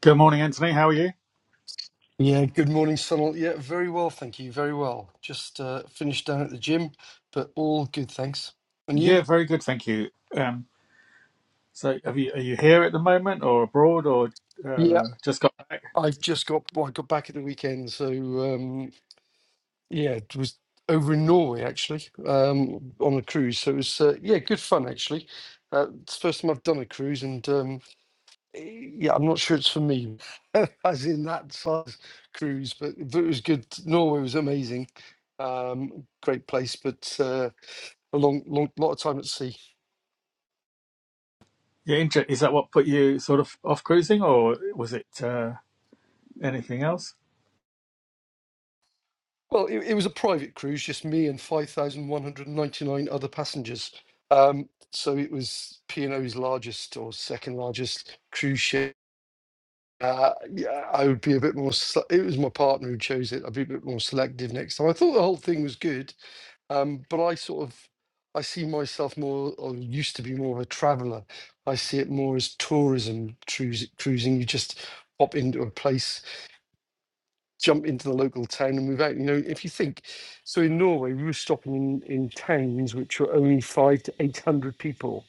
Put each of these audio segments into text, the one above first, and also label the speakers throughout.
Speaker 1: Good morning, Anthony. How are you?
Speaker 2: Yeah, good morning, Sunil. Yeah, very well, thank you. Very well. Just uh, finished down at the gym, but all good, thanks. And you?
Speaker 1: Yeah, very good, thank you. Um, so, have you are you here at the moment, or abroad, or
Speaker 2: Yeah,
Speaker 1: uh, just got back?
Speaker 2: i just got well, I got back at the weekend, so um, yeah, it was over in Norway actually um, on a cruise. So it was uh, yeah, good fun actually. Uh, it's the first time I've done a cruise, and um, eh, yeah, I'm not sure it's for me, as in that size cruise, but, but it was good. Norway was amazing, um, great place, but. Uh, a long, long lot of time at sea.
Speaker 1: Yeah, inter- is that what put you sort of off cruising, or was it uh, anything else?
Speaker 2: Well, it, it was a private cruise, just me and five thousand one hundred ninety-nine other passengers. Um, so it was P and O's largest or second largest cruise ship. Uh, yeah, I would be a bit more. se- It was my partner who chose it. I'd be a bit more selective next time. I thought the whole thing was good, um, but I sort of, I see myself more, or used to be more of a traveller. I see it more as tourism cruise, cruising. You just pop into a place jump into the local town and move out. You know, if you think, so in Norway, we were stopping in, in towns which were only five to 800 people,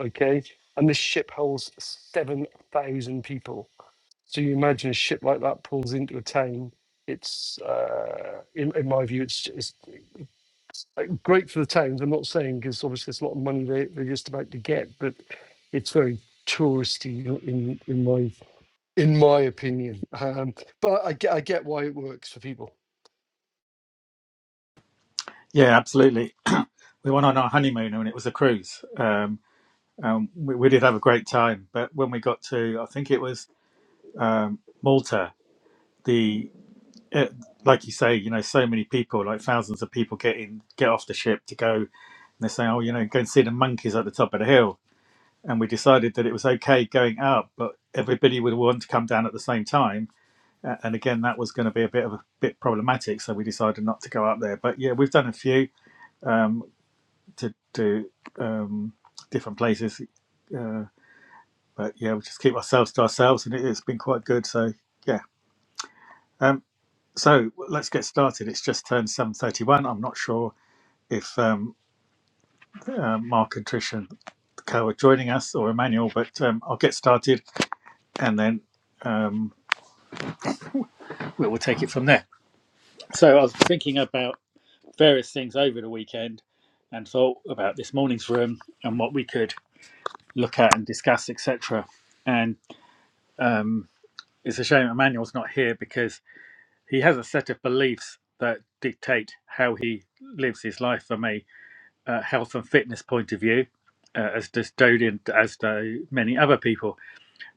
Speaker 2: okay? And this ship holds 7,000 people. So you imagine a ship like that pulls into a town. It's, uh, in, in my view, it's, it's uh, great for the towns. I'm not saying because obviously it's a lot of money they, they're just about to get, but it's very touristy in, in my in my opinion. Um, but I get, I get why it works for people.
Speaker 1: Yeah, absolutely. we went on our honeymoon, and it was a cruise. Um, um, we, we did have a great time, but when we got to, I think it was um, Malta. the it, like you say, you know, so many people, like thousands of people, get in, get off the ship to go, and they say, "Oh, you know, go and see the monkeys at the top of the hill." And we decided that it was okay going up, but everybody would want to come down at the same time. A- And again, that was going to be a bit of a bit problematic, so we decided not to go up there. But yeah, we've done a few um, to to um, different places, uh, but yeah, we just keep ourselves to ourselves, and it, it's been quite good. So yeah. Um, So let's get started. It's just turned 7.31. I'm not sure if um, uh, Mark and Tricia Cow are joining us or Emmanuel, but um, I'll get started and then um, we'll, we'll take it from there. So I was thinking about various things over the weekend and thought about this morning's room and what we could look at and discuss, etc. And um, it's a shame Emmanuel's not here because he has a set of beliefs that dictate how he lives his life for me uh, health and fitness point of view, uh, as does Dodian, as do many other people.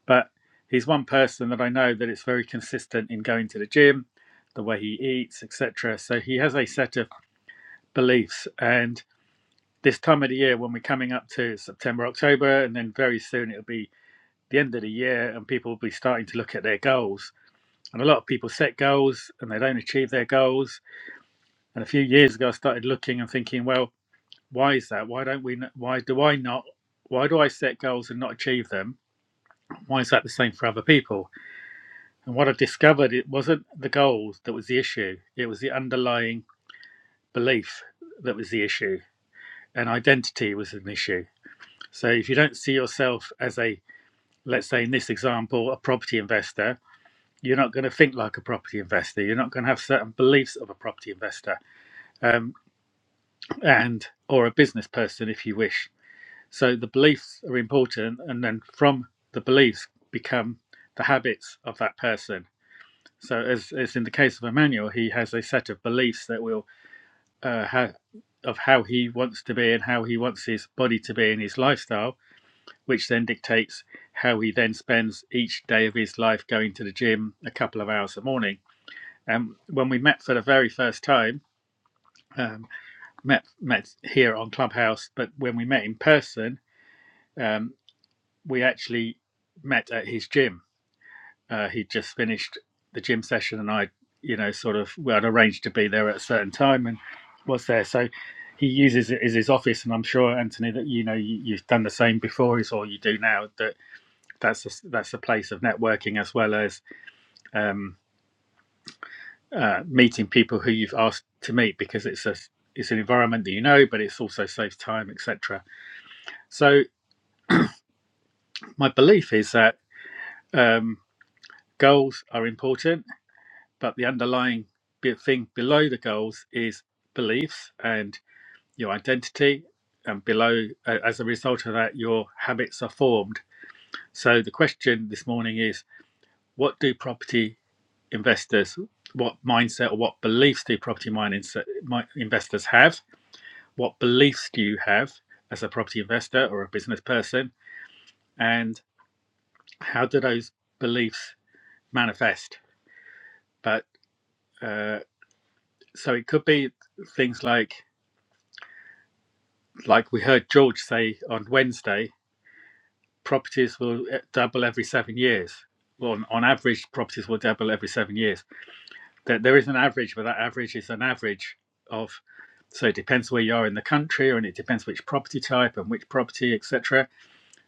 Speaker 1: But he's one person that I know that is very consistent in going to the gym, the way he eats, etc. So he has a set of beliefs. And this time of the year, when we're coming up to September, October, and then very soon it'll be the end of the year, and people will be starting to look at their goals. And a lot of people set goals and they don't achieve their goals. And a few years ago, I started looking and thinking, well, Why is that? Why don't we? Why do I not? Why do I set goals and not achieve them? Why is that the same for other people? And what I discovered, it wasn't the goals that was the issue. It was the underlying belief that was the issue, and identity was an issue. So if you don't see yourself as a, let's say in this example, a property investor, you're not going to think like a property investor. You're not going to have certain beliefs of a property investor, um, and or a business person, if you wish So the beliefs are important, and then from the beliefs become the habits of that person. So, as, as in the case of Emmanuel, he has a set of beliefs that will uh, have of how he wants to be and how he wants his body to be in his lifestyle, which then dictates how he then spends each day of his life going to the gym a couple of hours a morning. And Um, when we met for the very first time, um, met met here on Clubhouse, but when we met in person. um, we actually met at his gym. Uh, he'd just finished the gym session, and I, you know, sort of, we had arranged to be there at a certain time and was there. So he uses it as his office, and I'm sure Anthony that you know you, you've done the same before, is all you do now. That that's a, that's a place of networking as well as um, uh, meeting people who you've asked to meet because it's a it's an environment that you know, but it's also saves time, etc. So my belief is that um, goals are important but the underlying thing below the goals is beliefs and your identity and below a- as a result of that your habits are formed so the question this morning is what do property investors what mindset or what beliefs do property mine mi- investors have what beliefs do you have as a property investor or a business person and how do those beliefs manifest but uh, so it could be things like like we heard George say on Wednesday, properties will eh, double every seven years. Well, on, on average, properties will double every seven years. There, there is an average, but that average is an average of. So it depends where you are in the country, and it depends which property type and which property, etc.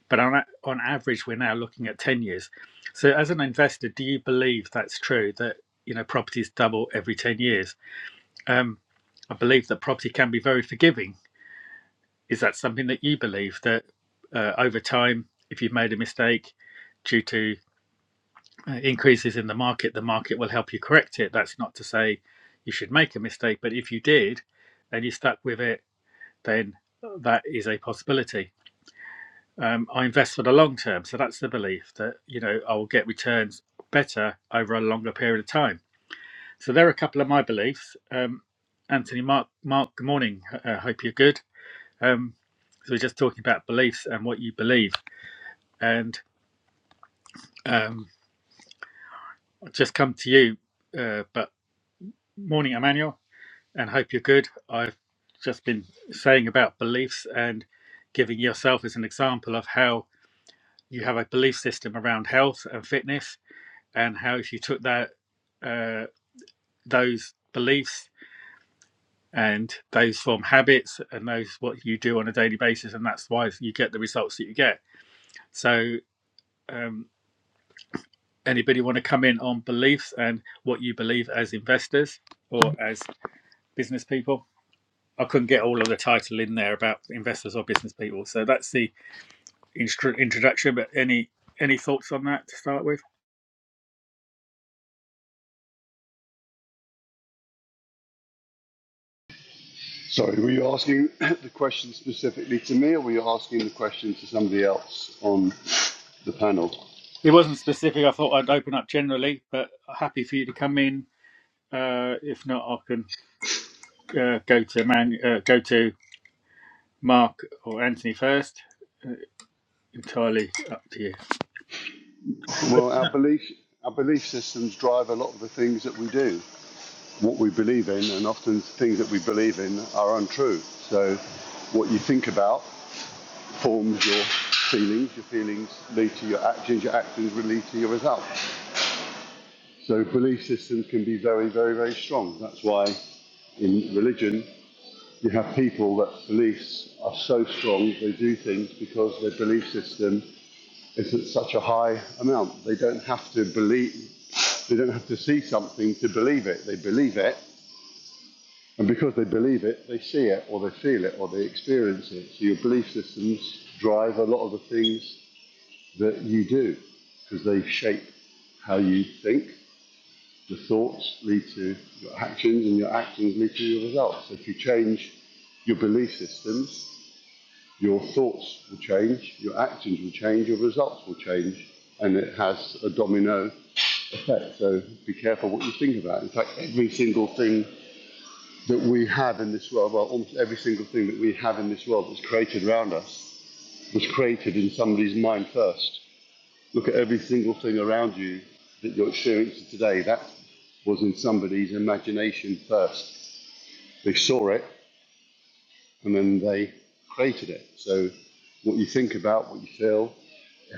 Speaker 1: But on on average, we're now looking at ten years. So as an investor, do you believe that's true that you know properties double every ten years? Um, I believe that property can be very forgiving Is that something that you believe that uh, over time, if you've made a mistake due to uh, increases in the market, the market will help you correct it? That's not to say you should make a mistake, but if you did and you stuck with it, then that is a possibility. Um, I invest for the long term, so that's the belief that you know I will get returns better over a longer period of time. So there are a couple of my beliefs. Um, Anthony, Mark, Mark, good morning. I uh, hope you're good. Um, so we're just talking about beliefs and what you believe. and um, I've just come to you. Uh, but morning, Emmanuel, and hope you're good. I've just been saying about beliefs and giving yourself as an example of how you have a belief system around health and fitness, and how if you took that uh, those beliefs and those form habits and those what you do on a daily basis, and that's why you get the results that you get. So. Um, Anybody want to come in on beliefs and what you believe as investors or as business people. I couldn't get all of the title in there about investors or business people. So that's the instru- introduction. But any any thoughts on that to start with?
Speaker 3: Sorry, were you asking the question specifically to me, or were you asking the question to somebody else on the panel?
Speaker 1: It wasn't specific. I thought I'd open up generally, but happy for you to come in. Uh, if not, I can uh, go to man uh, go to Mark or Anthony first. Entirely up to you.
Speaker 3: Well, our belief, our belief systems drive a lot of the things that we do, what we believe in, and often things that we believe in are untrue. So, what you think about forms your feelings. Your feelings lead to your actions. Your actions will lead to your results. So, belief systems can be very, very, very strong. That's why in religion you have people that beliefs are so strong that they do things because their belief system is at such a high amount. They don't have to believe, they don't have to see something to believe it. They believe it, and because they believe it, they see it, or they feel it, or they experience it. So your belief systems drive a lot of the things that you do because they shape how you think. The thoughts lead to your actions, and your actions lead to your results. So If you change your belief systems. your thoughts will change, your actions will change, your results will change, and it has a domino effect. So be careful what you think about. In fact, every single thing that we have in this world, well, almost every single thing that we have in this world that's created around us, was created in somebody's mind first. Look at every single thing around you that you're experiencing today. That was in somebody's imagination first. They saw it and then they created it. So what you think about, what you feel,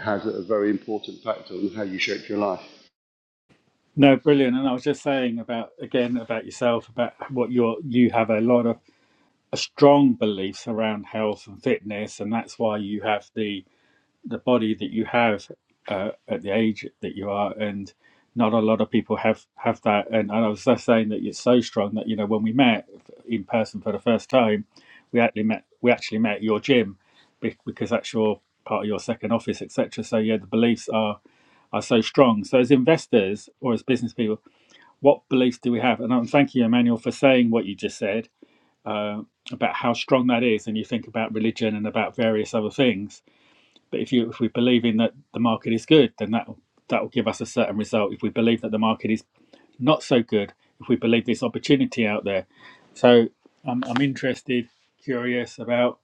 Speaker 3: has a very important factor on how you shape your life.
Speaker 1: No, brilliant. And I was just saying about again about yourself about what you're you have a lot of a strong beliefs around health and fitness, and that's why you have the the body that you have uh, at the age that you are and not a lot of people have have that and, and i was just saying that it's so strong that you know when we met in person for the first time we actually met we actually met at your gym because that's your part of your second office etc so yeah the beliefs are are so strong so as investors or as business people what beliefs do we have and i'm thanking you emmanuel for saying what you just said uh, about how strong that is and you think about religion and about various other things but if you if we believe in that the market is good, then that that will give us a certain result. If we believe that the market is not so good, if we believe there's opportunity out there, so I'm I'm interested, curious about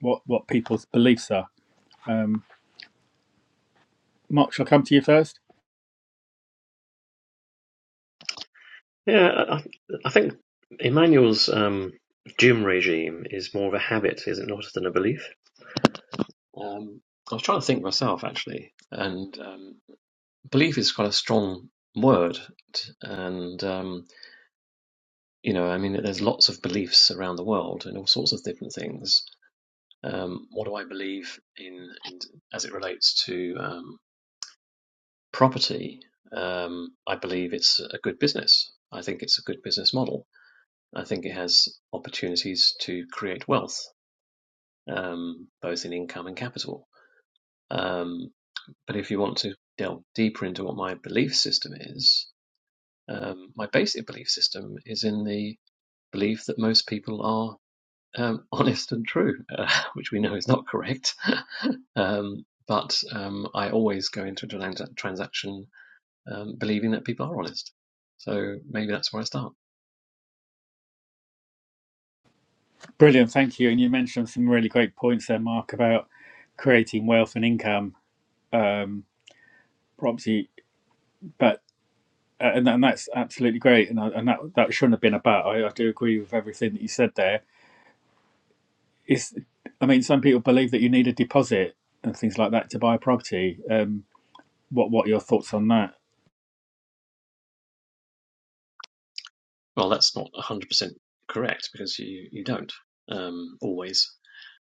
Speaker 1: what what people's beliefs are. Um, Mark, shall I come to you first?
Speaker 4: Yeah, I, I think Emmanuel's um, doom regime is more of a habit, is it not, than a belief? Um, I was trying to think myself actually, and um, belief is quite a strong word, and um, you know, I mean, there's lots of beliefs around the world in all sorts of different things. Um, what do I believe in, in as it relates to um, property? Um, I believe it's a good business. I think it's a good business model. I think it has opportunities to create wealth, um, both in income and capital. Um, but if you want to delve deeper into what my belief system is, um, my basic belief system is in the belief that most people are um, honest and true, uh, which we know is not correct. um, but um, I always go into a trans- transaction um, believing that people are honest. So maybe that's where I start.
Speaker 1: Brilliant, thank you. And you mentioned some really great points there, Mark, about creating wealth and income. Um, obviously, but uh, and, and that's absolutely great. And, and that that shouldn't have been about. I, I do agree with everything that you said there is I mean, some people believe that you need a deposit and things like that to buy a property. Um, what what are your thoughts on that?
Speaker 4: Well, that's not 100% correct because you, you don't um, always.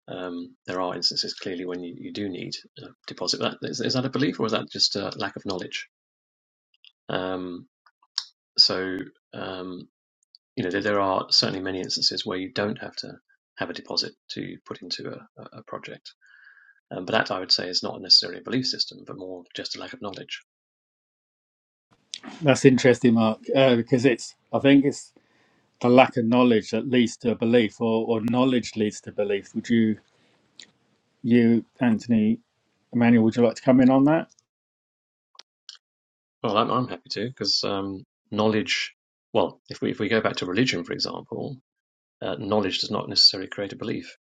Speaker 4: Um, there are instances clearly when you, you do need a deposit. That, is, is that a belief or is that just a lack of knowledge? Um, so, um, you know, there, there are certainly many instances where you don't have to have a deposit to put into a, a project. Um, but that I would say is not necessarily a belief system, but more just a lack of knowledge.
Speaker 1: That's interesting, Mark, uh, because it's I think it's the lack of knowledge that leads to a belief, or, or knowledge leads to belief. Would you you Anthony Emmanuel? Would you like to come in on that?
Speaker 4: Well, I'm, I'm happy to because um, knowledge, well, if we, if we go back to religion, for example, uh, knowledge does not necessarily create a belief.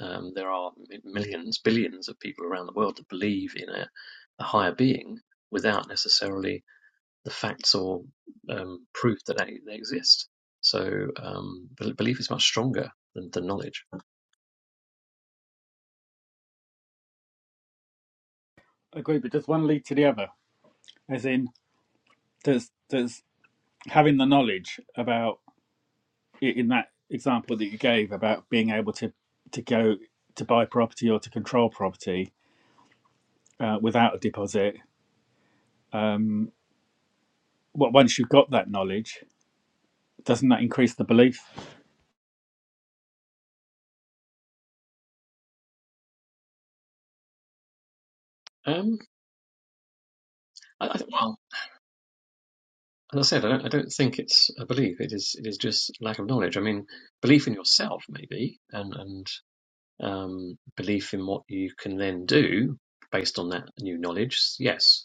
Speaker 4: Um, there are millions, billions of people around the world that believe in a, a higher being without necessarily the facts or um, proof that they, they exist. So um, belief is much stronger than, than knowledge.
Speaker 1: I Agree, but does one lead to the other? As in, does does having the knowledge about in that example that you gave about being able to to go to buy property or to control property uh, without a deposit Well, once you've got that knowledge, doesn't that increase the belief?
Speaker 4: Um, I, I, well, as I said, I don't, I don't think it's a belief. It is it is just lack of knowledge. I mean, belief in yourself maybe, and and um, belief in what you can then do based on that new knowledge. Yes,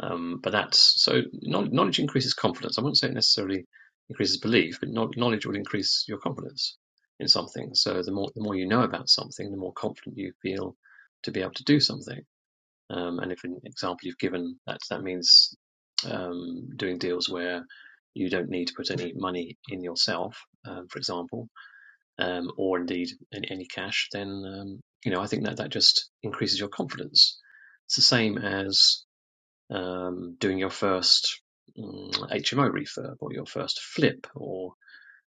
Speaker 4: Um, but that's so knowledge increases confidence. I wouldn't say it necessarily increases belief, but knowledge would increase your confidence in something. So the more the more you know about something, the more confident you feel to be able to do something. Um, and if an example you've given, that that means um, doing deals where you don't need to put any money in yourself, um, for example, um, or indeed any, any cash, then um, you know I think that that just increases your confidence. It's the same as um, doing your first mm, HMO refurb or your first flip or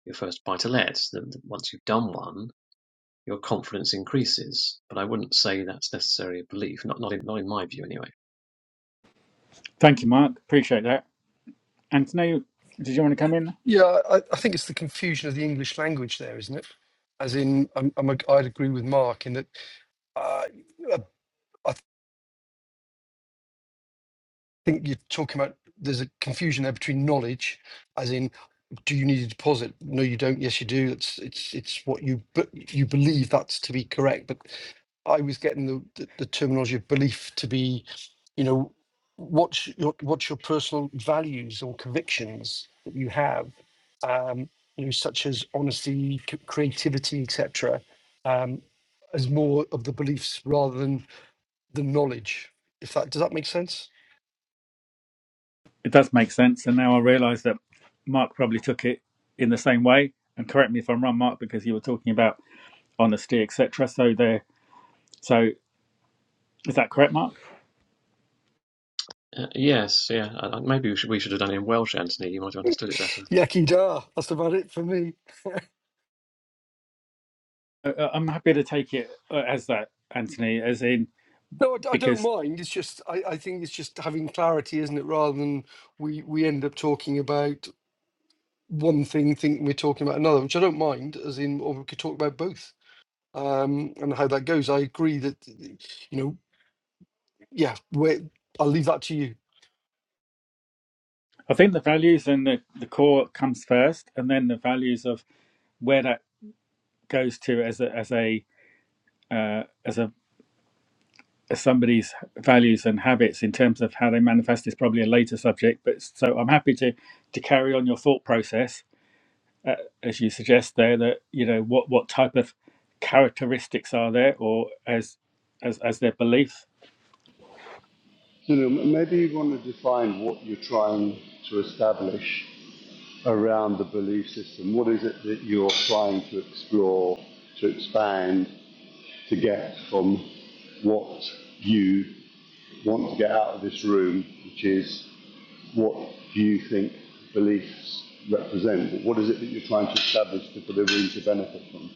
Speaker 4: your first buy to let, once you've done one, your confidence increases. But I wouldn't say that's necessarily a belief, not not in, not in my view anyway.
Speaker 1: Thank you, Mark. Appreciate that. Anthony, did you want to come in?
Speaker 2: Yeah, I, I think it's the confusion of the English language there, isn't it? As in, I'm, I'm, I'd agree with Mark in that uh, I, think you're talking about there's a confusion there between knowledge, as in, do you need a deposit? No, you don't. Yes, you do. It's it's it's what you but you believe that's to be correct. But I was getting the, the, the terminology of belief to be, you know, what's your what's your personal values or convictions that you have, um, you know, such as honesty, c- creativity, etc. Um, as more of the beliefs rather than the knowledge. If that does that make sense?
Speaker 1: It does make sense. And now I realise that Mark probably took it in the same way. And correct me if I'm wrong, Mark, because you were talking about honesty, etc. So there. So is that correct, Mark?
Speaker 4: Uh, yes, yeah, I- maybe we should, we should have done it in Welsh, Anthony. You might have understood it better.
Speaker 2: Yaki da. That's about it for me.
Speaker 1: Uh, uh, I'm happy to take it uh, as that, Anthony, as in
Speaker 2: No, I, d- I don't
Speaker 1: because
Speaker 2: mind. It's just I, I think it's just having clarity, isn't it? Rather than we we end up talking about one thing, thinking we're talking about another, which I don't mind. As in, or we could talk about both, um, and how that goes. I agree that you know, yeah. Where I'll leave that to you.
Speaker 1: I think the values and the, the core comes first, and then the values of where that goes to as a as a uh, as a somebody's values and habits in terms of how they manifest is probably a later subject but so i'm happy to to carry on your thought process as you suggest there that you know what what type of characteristics are there or as as as their belief
Speaker 3: So maybe you want to define what you're trying to establish around the belief system. What is it that you're trying to explore, to expand, to get from what you want to get out of this room, which is what you think beliefs represent? What is it that you're trying to establish to put a room to benefit from?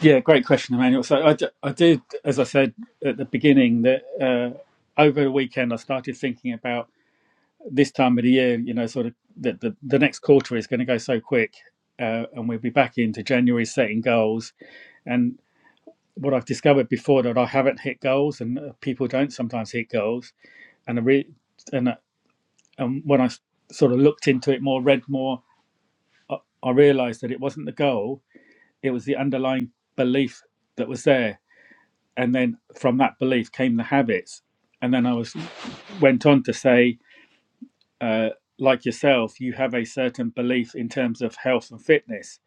Speaker 1: yeah great question emmanuel so i, d- I did as i said at the beginning that uh, over the weekend i started thinking about this time of the year you know sort of that the, the next quarter is going to go so quick uh, and we'll be back into january setting goals and. what I've discovered before that I haven't hit goals, and uh, people don't sometimes hit goals. And I re- and uh, and when I s- sort of looked into it more, read more, I, I realised that it wasn't the goal; it was the underlying belief that was there. And then from that belief came the habits. And then I was went on to say, uh, like yourself, you have a certain belief in terms of health and fitness,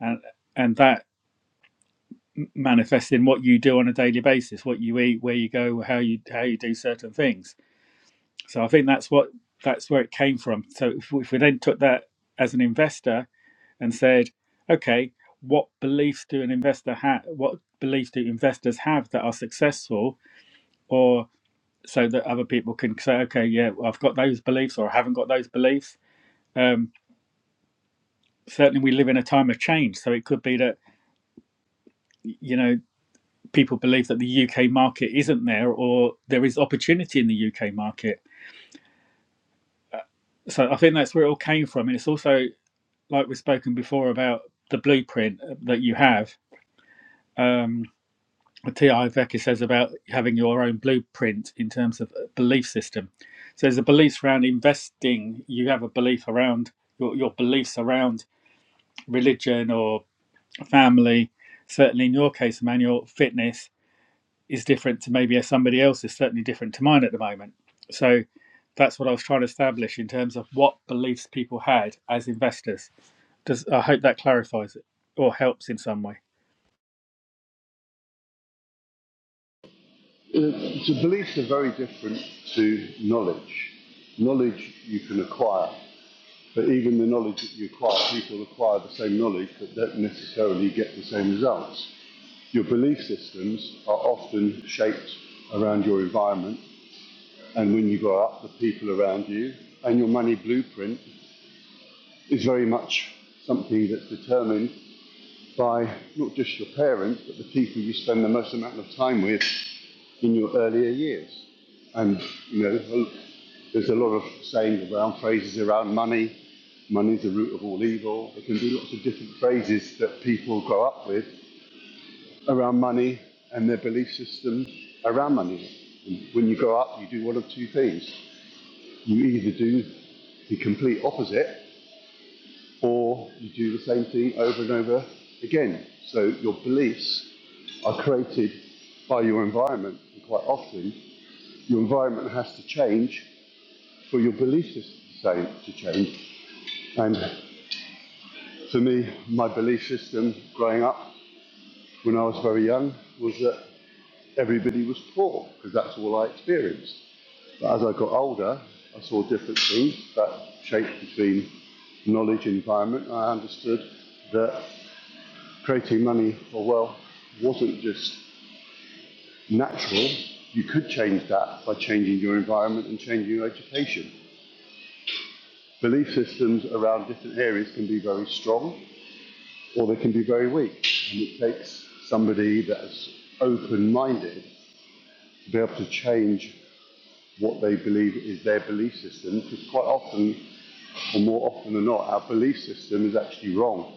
Speaker 1: and and that manifests in what you do on a daily basis, what you eat, where you go, how you how you do certain things So I think that's what that's where it came from. So if, if we then took that as an investor and said, okay, what beliefs do an investor have? What beliefs do investors have that are successful, or so that other people can say, okay, yeah, well, I've got those beliefs, or I haven't got those beliefs. Um, certainly, we live in a time of change, so it could be that you know people believe that the UK market isn't there, or there is opportunity in the UK market. So I think that's where it all came from, and it's also like we've spoken before about the blueprint that you have. Um, T.I. Vecchi says about having your own blueprint in terms of belief system. So there's a belief around investing. You have a belief around your, your beliefs around religion or family. Certainly in your case, Emmanuel, fitness is different to maybe somebody else is certainly different to mine at the moment. So that's what I was trying to establish in terms of what beliefs people had as investors Does I hope that clarifies it or helps in some way.
Speaker 3: to beliefs are very different to knowledge. Knowledge you can acquire, but even the knowledge that you acquire, people acquire the same knowledge but don't necessarily get the same results. Your belief systems are often shaped around your environment and when you grow up, the people around you, and your money blueprint is very much something that's determined by not just your parents, but the people you spend the most amount of time with in your earlier years. And, you know, there's a lot of sayings around, phrases around money. Money's the root of all evil. There can be lots of different phrases that people grow up with around money and their belief system around money. And when you grow up, you do one of two things. You either do the complete opposite or you do the same thing over and over again. So your beliefs are created by your environment, and quite often your environment has to change for your belief system to change. And for me, my belief system growing up when I was very young was that everybody was poor because that's all I experienced. But as I got older, I saw different things that shaped between knowledge and environment, I understood that creating money or wealth wasn't just natural. You could change that by changing your environment and changing your education. Belief systems around different areas can be very strong or they can be very weak. And it takes somebody that's open minded to be able to change what they believe is their belief system because quite often, or more often than not, our belief system is actually wrong.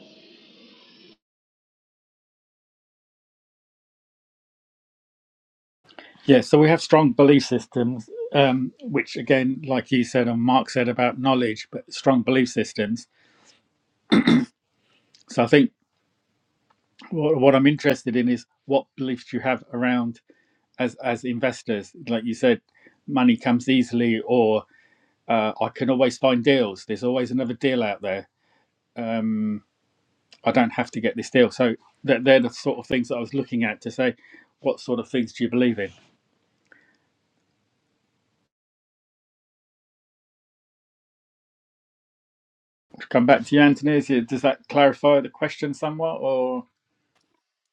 Speaker 1: Yeah, so we have strong belief systems, um, which again, like you said and Mark said about knowledge, but strong belief systems. So I think what, what I'm interested in is what beliefs you have around as as investors. Like you said, money comes easily, or uh, I can always find deals. There's always another deal out there. Mm, I don't have to get this deal. So they're, they're the sort of things that I was looking at to say, what sort of things do you believe in? come back to you, Anthony. Is it, does that clarify the question somewhat? Or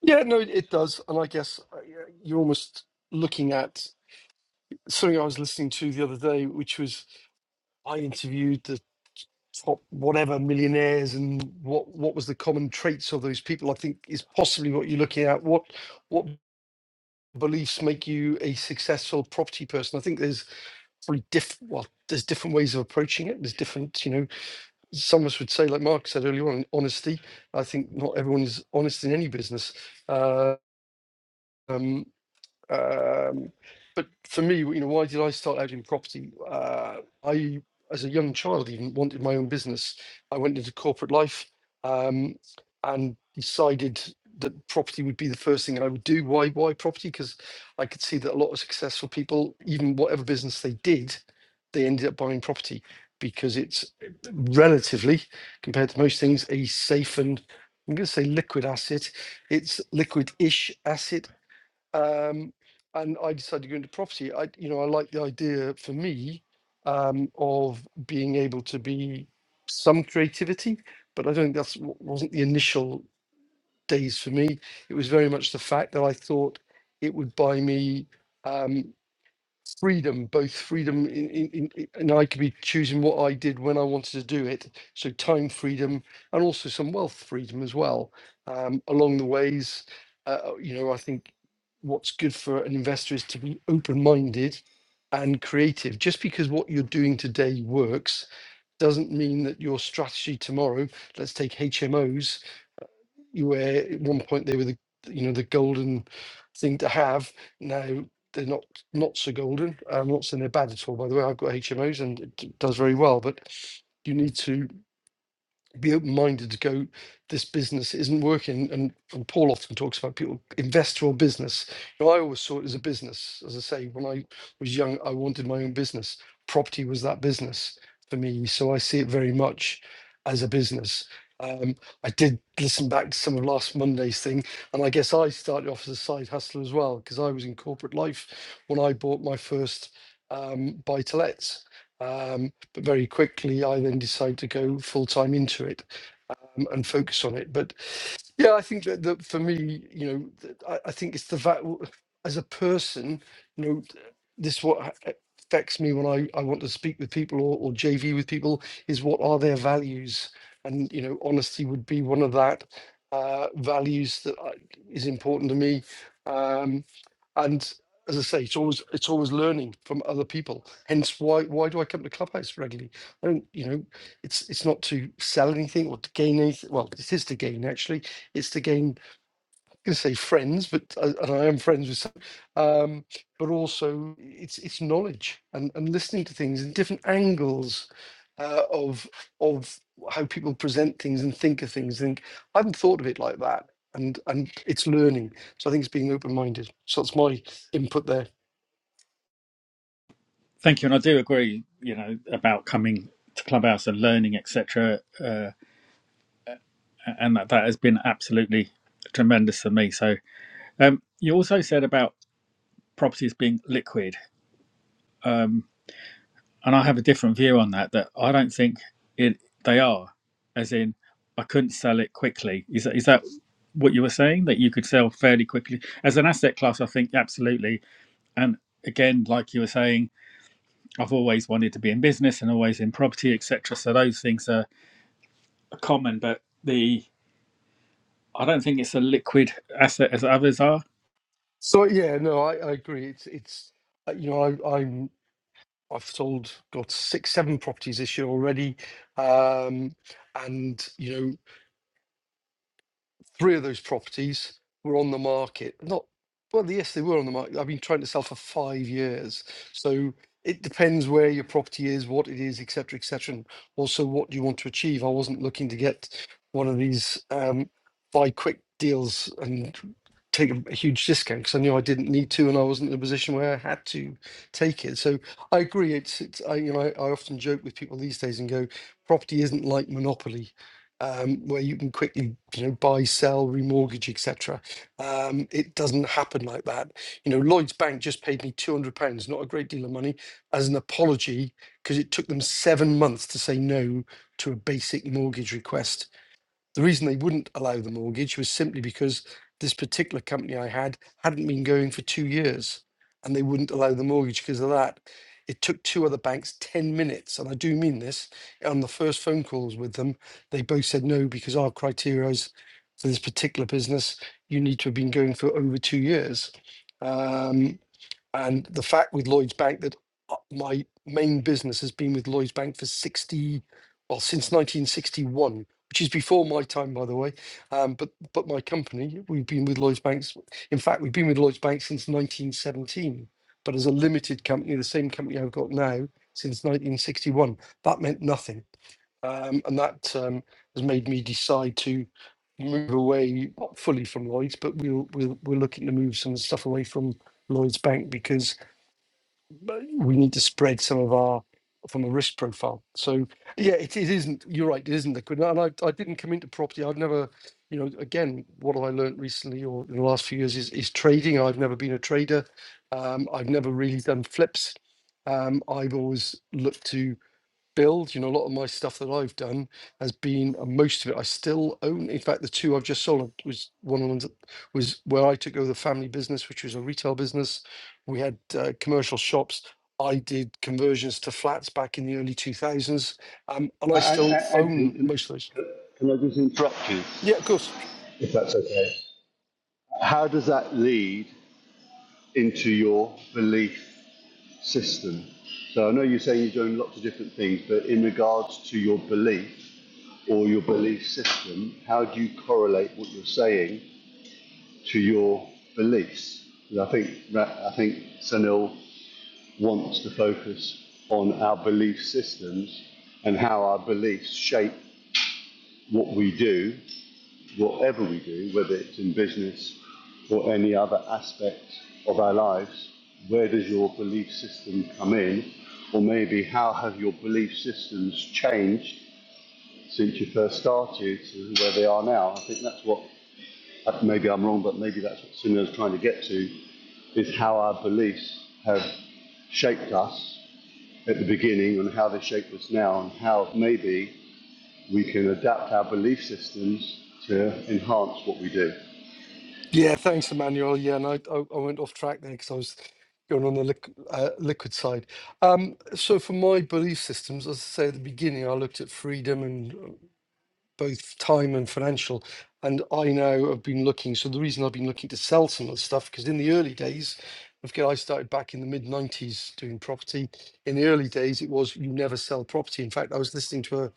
Speaker 2: Yeah, no, it it does, and I guess uh, yeah, you're almost looking at something I was listening to the other day, which was I interviewed the top whatever millionaires and what what was the common traits of those people i think is possibly what you're looking at what what beliefs make you a successful property person i think there's probably diff well there's different ways of approaching it there's different you know some of us would say like mark said earlier on honesty i think not everyone is honest in any business uh, um, um, but for me, you know, why did I start out in property? Uh, I, as a young child, even wanted my own business. I went into corporate life um, and decided that property would be the first thing I would do. Why? Why property? Because I could see that a lot of successful people, even whatever business they did, they ended up buying property because it's relatively, compared to most things, a safe and I'm going to say liquid asset. It's liquid-ish asset um, and I decided to go into property. I, you know, I like the idea for me um, of being able to be some creativity, but I don't think that's what wasn't the initial days for me. It was very much the fact that I thought it would buy me. Um, freedom, both freedom in, in, in, in- and I could be choosing what I did when I wanted to do it. So time freedom and also some wealth freedom as well. Um, along the ways, uh, uh, you know, I think what's good for an investor is to be open-minded and creative. Just because what you're doing today works doesn't mean that your strategy tomorrow, let's take HMOs, you where at one point they were the you know the golden thing to have. Now they're not not so golden. I'm not saying they're bad at all. By the way, I've got HMOs and it d- does very well, but you need to be open minded to go, this business isn't working. And, and Paul often talks about people invest your business. You know, I always saw it as a business. As I say, when I was young, I wanted my own business. Property was that business for me. So I see it very much as a business. Um, I did listen back to some of last Monday's thing, and I guess I started off as a side hustler as well because I was in corporate life when I bought my first um, buy to lets. But very quickly, I then decided to go full time into it and, and focus on it. But yeah, I think that, that for me, you know, th- I, I think it's the fact w- as a person, you know, th- this what ha- affects me when I, I want to speak with people or, or JV with people is what are their values, and you know, honesty would be one of that uh, values that I, is important to me. Um, and as I say, it's always it's always learning from other people. Hence, why why do I come to Clubhouse regularly? I don't, you know it's it's not to sell anything or to gain anything. Well, it is to gain actually. It's to gain. I'm going to say friends, but uh, and I am friends with some, um, but also it's it's knowledge and and listening to things and different angles uh, of of how people present things and think of things. Think I hadn't thought of it like that, and and it's learning. So I think it's being open minded. So that's my input there.
Speaker 1: thank you, and I do agree. You know about coming to Clubhouse and learning, etc. Uh, and that that has been absolutely tremendous for me. So um, you also said about properties being liquid, um, and I have a different view on that. That I don't think it they are, as in I couldn't sell it quickly. Is that, is that what you were saying that you could sell fairly quickly as an asset class? I think absolutely, and again, like you were saying. I've always wanted to be in business and always in property, etc. So those things are common, but the I don't think it's a liquid asset as others are.
Speaker 2: So yeah, no, I, I agree. It's it's uh, you know I, I'm I've sold, got six, seven properties this year already. Um, and, you know, three of those properties were on the market. Not well, yes, they were on the market. I've been trying to sell for five years, so it depends where your property is, what it is, etc., cetera, etc., and also what you want to achieve. I wasn't looking to get one of these um, buy quick deals and take a a huge discount because I knew I didn't need to, and I wasn't in a position where I had to take it. So I agree. It's, it's I, you know, I, I often joke with people these days and go, property isn't like Monopoly um, where you can quickly, you know, buy, sell, remortgage, etc. Um, it doesn't happen like that. You know, Lloyd's Bank just paid me two hundred pounds, not a great deal of money, as an apology because it took them seven months to say no to a basic mortgage request the reason they wouldn't allow the mortgage was simply because this particular company I had hadn't been going for two years and they wouldn't allow the mortgage because of that. It took two other banks 10 minutes, and I do mean this, on the first phone calls with them, they both said no because our criteria is for this particular business, you need to have been going for over two years. Um, and the fact with Lloyds Bank that uh, my main business has been with Lloyds Bank for 60, well, since 1961, which is before my time, by the way. Um, but but my company, we've been with Lloyds Banks. In fact, we've been with Lloyds Bank since 1917. But as a limited company, the same company I've got now since 1961, that meant nothing, um, and that um, has made me decide to move away, not fully from Lloyds, but we'll, we'll we're looking to move some stuff away from Lloyds Bank because but we need to spread some of our from a risk profile. So yeah, it, it isn't. You're right. It isn't liquid. And I, I didn't come into property. I've never, you know, again, what have I learned recently or in the last few years is is trading. I've never been a trader. Um, I've never really done flips. Um, I've always looked to build. You know, a lot of my stuff that I've done has been uh, most of it I still own. In fact, the two I've just sold was one of the ones that was where I took over the family business, which was a retail business. We had uh, commercial shops. I did conversions to flats back in the early 2000s, um, and
Speaker 3: A-
Speaker 2: I still
Speaker 3: Anthony,
Speaker 2: own
Speaker 3: can,
Speaker 2: most of those.
Speaker 3: can I just interrupt you
Speaker 2: Yeah, of course.
Speaker 3: if that's okay? How does that lead into your belief system. So I know you're saying you're doing lots of different things, but in regards to your belief or your belief system, how do you correlate what you're saying to your beliefs? And I think I think Sanil wants to focus on our belief systems and how our beliefs shape what we do whatever we do, whether it's in business or any other aspect of our lives, where does your belief system come in? Or maybe how have your belief systems changed since you first started to where they are now? I think that's what, uh, maybe I'm wrong, but maybe that's what Sunil is trying to get to, is how our beliefs have shaped us at the beginning and how they shape us now and how maybe we can adapt our belief systems to enhance what we do.
Speaker 2: Yeah, thanks, Emmanuel. Yeah, and I, I, I went off track there because I was going on the liqu- uh, liquid side. Um, so for my belief systems, as I say at the beginning, I looked at freedom and. uh, both time and financial. And I now have been looking. So the reason I've been looking to sell some of the stuff because in the early days, okay, I started back in the mid '90s doing property. In the early days, it was you never sell property. In fact, I was listening to a,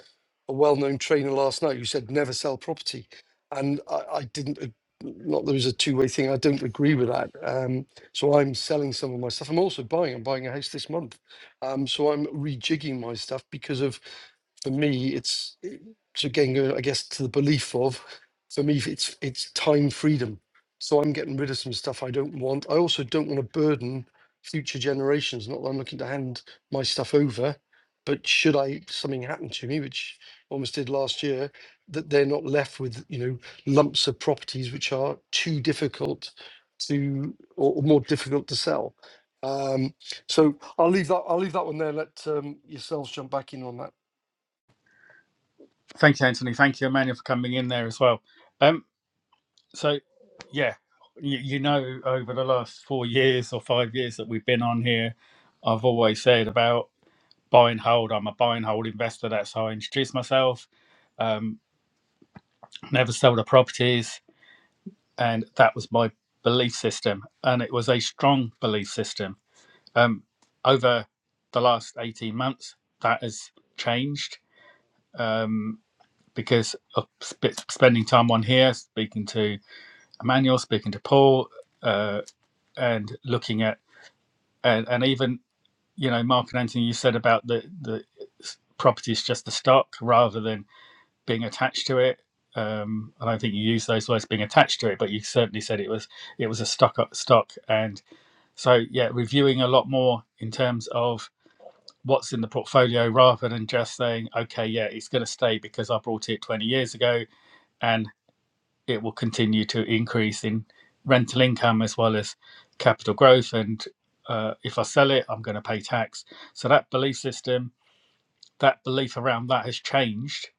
Speaker 2: a well-known trainer last night who said never sell property, and I, I didn't. ag- Not that it was a two-way thing. I don't agree with that. Um, so I'm selling some of my stuff. I'm also buying. I'm buying a house this month. Um, so I'm rejigging my stuff because of for me, it's so again, going, I guess, to the belief of, for me, it's it's time freedom. So I'm getting rid of some stuff I don't want. I also don't want to burden future generations. Not that I'm looking to hand my stuff over, but should I something happen to me, which almost did last year, that they're not left with you know lumps of properties which are too difficult to or, or more difficult to sell. Um, so I'll leave that. I'll leave that one there. Let um, yourselves jump back in on that.
Speaker 1: Thank you, Anthony. Thank you, Emmanuel, for coming in there as well. Um, so yeah, you, you know, over the last four years or five years that we've been on here, I've always said about buy and hold. I'm a buy and hold investor. That's how I introduced myself. Um, never sold the properties, and that was my belief system, and it was a strong belief system Um, over the last 18 months, that has changed um, because of sp- spending time on here, speaking to Emmanuel, speaking to Paul, uh, and looking at, and, and even, you know, Mark and Anthony, you said about the, the property is just the stock rather than being attached to it. Um, I don't think you used those words being attached to it, but you certainly said it was it was a stock stock, and so yeah, reviewing a lot more in terms of what's in the portfolio rather than just saying, okay, yeah, it's going to stay because I bought it 20 years ago and it will continue to increase in rental income as well as capital growth. And uh, if I sell it, I'm going to pay tax. So that belief system, that belief around that has changed.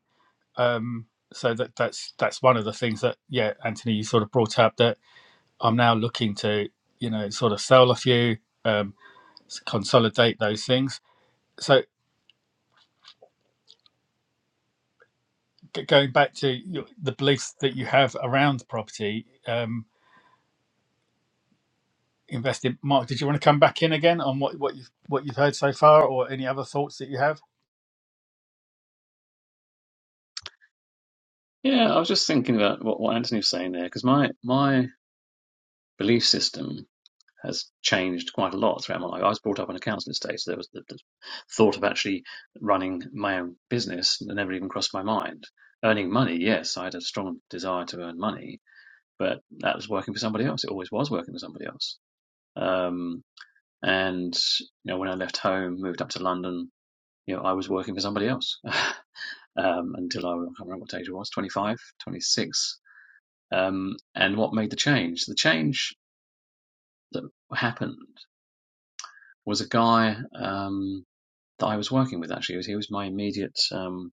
Speaker 1: Um, so that that's that's one of the things that yeah, Anthony, you sort of brought up that I'm now looking to you know sort of sell a few, um, consolidate those things. So g- going back to your, the beliefs that you have around property um, investing. Mark, did you want to come back in again on what what you've what you've heard so far, or any other thoughts that you have?
Speaker 4: Yeah, I was just thinking about what, what Anthony was saying there, because my my belief system has changed quite a lot throughout my life. I was brought up on a council estate, so there was the, the thought of actually running my own business that never even crossed my mind. Earning money, yes, I had a strong desire to earn money, but that was working for somebody else. It always was working for somebody else. Um, and you know, when I left home, moved up to London, you know, I was working for somebody else um, until I, I can't remember what age I was 25, 26. Um, and what made the change? The change that happened was a guy. Um, that I was working with actually. He was, he was my immediate um,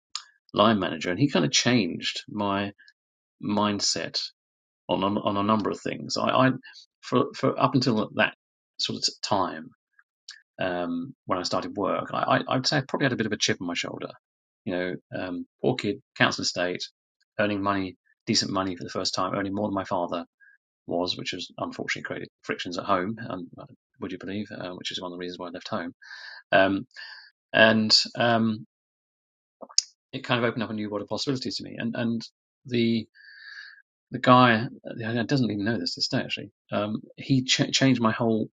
Speaker 4: line manager, and he kind of changed my mindset on on, on a number of things. I, I for for up until that sort of time um, when I started work, I, I, would say I probably had a bit of a chip on my shoulder. You know, um, poor kid, council estate, earning money, decent money for the first time, earning more than my father was, which has unfortunately created frictions at home. And uh, would you believe, uh, which is one of the reasons why I left home. Um, and um, it kind of opened up a new world of possibilities to me. And and the the guy doesn't even know this this day actually. Um, he ch- changed my whole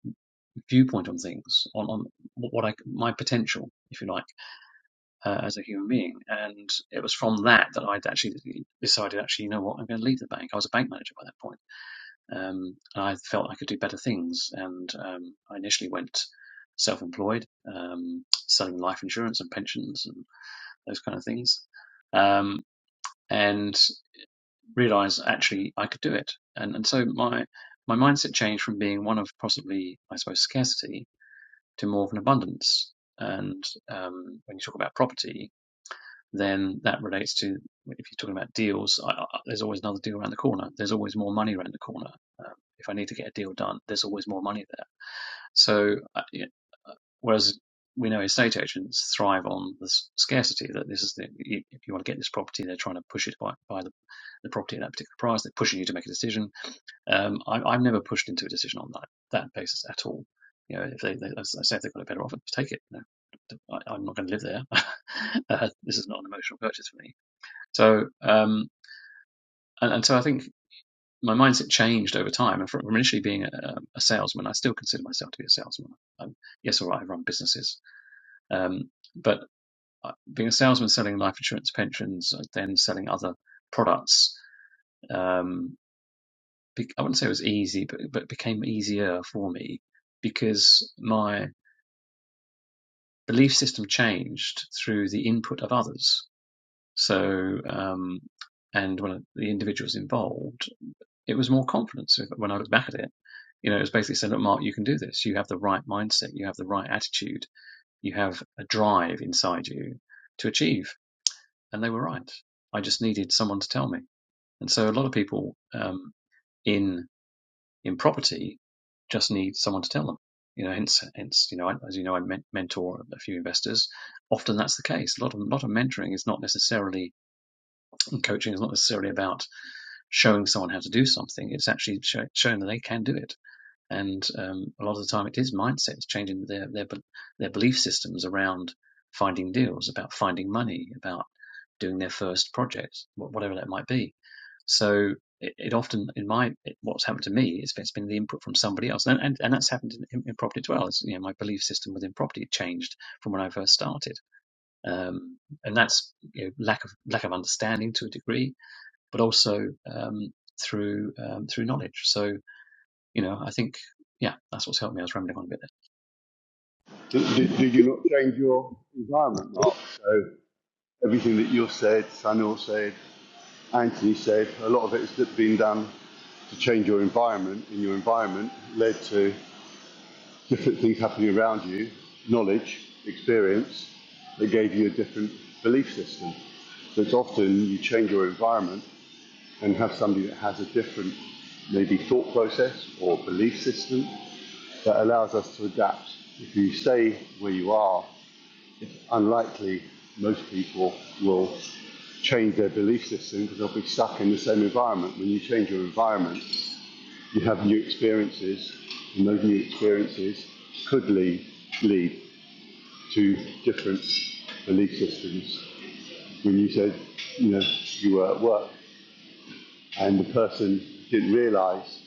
Speaker 4: viewpoint on things, on on what I my potential, if you like, uh, as a human being. And it was from that that I'd actually decided actually, you know what, I'm going to leave the bank. I was a bank manager by that point, um, and I felt I could do better things. And um, I initially went self-employed, um, selling life insurance and pensions and those kind of things. Um, and realize actually I could do it. And and so my my mindset changed from being one of possibly I suppose scarcity to more of an abundance. And um, when you talk about property, then that relates to if you're talking about deals, I, I, there's always another deal around the corner. There's always more money around the corner. Um, if I need to get a deal done, there's always more money there. So, uh, yeah, uh, whereas we know estate agents thrive on the scarcity that this is the if you want to get this property, they're trying to push it by, by the, the property at that particular price. They're pushing you to make a decision. Um, I, I'm never pushed into a decision on that that basis at all. You know, if they, they as I say if they've got a better offer, take it. No, I, am not going to live there. uh, this is not an emotional purchase for me. So, um, and, and so I think my mindset changed over time. And from initially being a, a salesman, I still consider myself to be a salesman. I'm, yes, all right, I run businesses, um, but uh, being a salesman selling life insurance, pensions, uh, then selling other products, um, I wouldn't say it was easy, but but it became easier for me because my belief system changed through the input of others. So, um, and one the individuals involved it was more confidence when I look back at it. You know, it was basically saying, look, Mark, you can do this. You have the right mindset. You have the right attitude. You have a drive inside you to achieve. And they were right. I just needed someone to tell me. And so a lot of people um, in in property just need someone to tell them. You know, hence, hence, you know, as you know, I mentor a few investors. Often that's the case. A lot of, a lot of mentoring is not necessarily and coaching is not necessarily about showing someone how to do something. It's actually show, showing that they can do it and um, a lot of the time it is mindset. It's changing their their their belief systems around finding deals, about finding money, about doing their first project, whatever that might be. So it, it often, in my it, what's happened to me, it's, it's been the input from somebody else, and and, and that's happened in, in, in property as well. It's, you know, my belief system within property changed from when I first started, um, and that's you know, lack of lack of understanding to a degree, but also um, through um, through knowledge. So you know, I think, yeah, that's what's helped me. I was rambling on a bit
Speaker 3: Did, did,
Speaker 4: there.
Speaker 3: you not change your environment, Mark? So everything that you said, Samuel said, Anthony said, a lot of it has been done to change your environment. And your environment led to different things happening around you, knowledge, experience, that gave you a different belief system. So it's often you change your environment and have somebody that has a different maybe thought process or belief system that allows us to adapt. If you stay where you are unlikely most people will change their belief system because they'll be stuck in the same environment. When you change your environment, you have new experiences, and those new experiences could lead, lead to different belief systems. When you said, you know, you were at work and the person didn't realize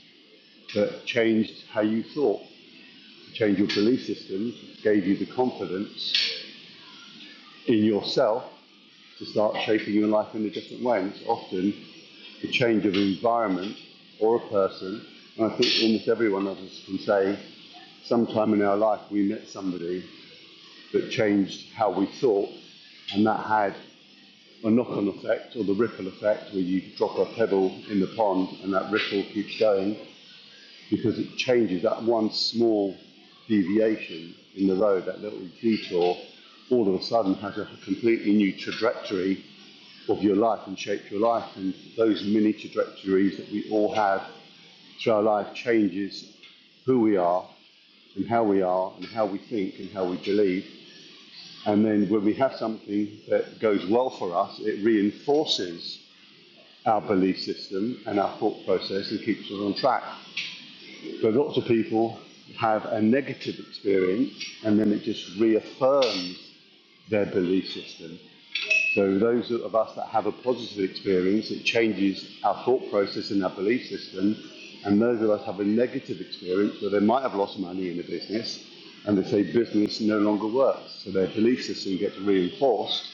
Speaker 3: that changed how you thought, to change your belief system, gave you the confidence in yourself to start shaping your life in a different way. And it's often the change of environment or a person. And I think almost every one of us can say, sometime in our life we met somebody that changed how we thought, and that had a knock-on effect or the ripple effect where you drop a pebble in the pond and that ripple keeps going because it changes that one small deviation in the road, that little detour, all of a sudden has a completely new trajectory of your life and shapes your life. And those mini trajectories that we all have through our life changes who we are and how we are and how we think and how we believe. And then when we have something that goes well for us, it reinforces our belief system and our thought process and keeps us on track. But lots of people have a negative experience and then it just reaffirms their belief system So those of us that have a positive experience, it changes our thought process and our belief system. And those of us have a negative experience where they might have lost money in a business and they say business no longer works. So their belief system gets reinforced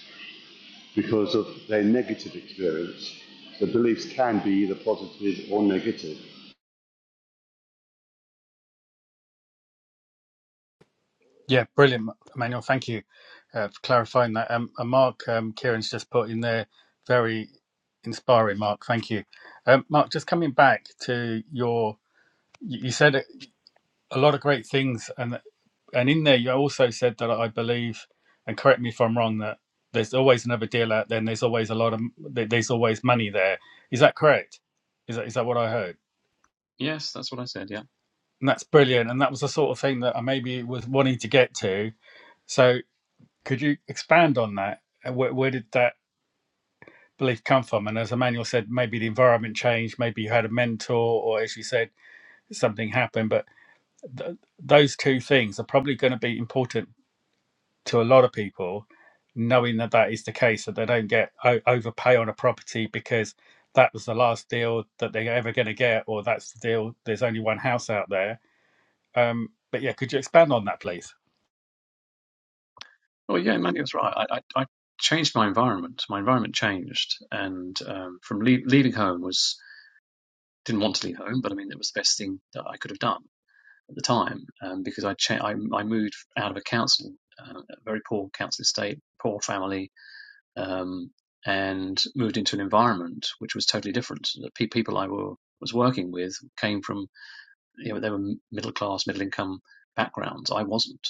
Speaker 3: because of their negative experience. The beliefs can be either positive or negative.
Speaker 1: Yeah, brilliant, Emmanuel. Thank you uh, for clarifying that. Um, and Mark, um, Kieran's just put in there very inspiring. Mark, thank you. Um, Mark, just coming back to your, you you said a lot of great things, and. And in there, you also said that I believe, and correct me if I'm wrong, that there's always another deal out there, and there's always a lot of there- there's always money there. Is that correct? Is that is that what I heard?
Speaker 4: Yes, that's what I said. Yeah.
Speaker 1: And that's brilliant. And that was the sort of thing that I maybe was wanting to get to. So could you expand on that? Where, where did that belief come from? And as Emmanuel said, maybe the environment changed, maybe you had a mentor, or as you said, something happened. But th- those two things are probably going to be important to a lot of people, knowing that that is the case, that they don't get o- overpay on a property because that was the last deal that they're ever going to get, or that's the deal. There's only one house out there. Um, but yeah, could you expand on that, please?
Speaker 4: Oh, yeah, Mandy was right. I, I, I changed my environment. My environment changed, and um, from le- leaving home was didn't want to leave home, but I mean, it was the best thing that I could have done at the time um, because I, cha- I I moved out of a council, uh, a very poor council estate, poor family, um, and moved into an environment which was totally different. The pe- people I were was working with came from you know, they were middle class, middle income backgrounds. I wasn't,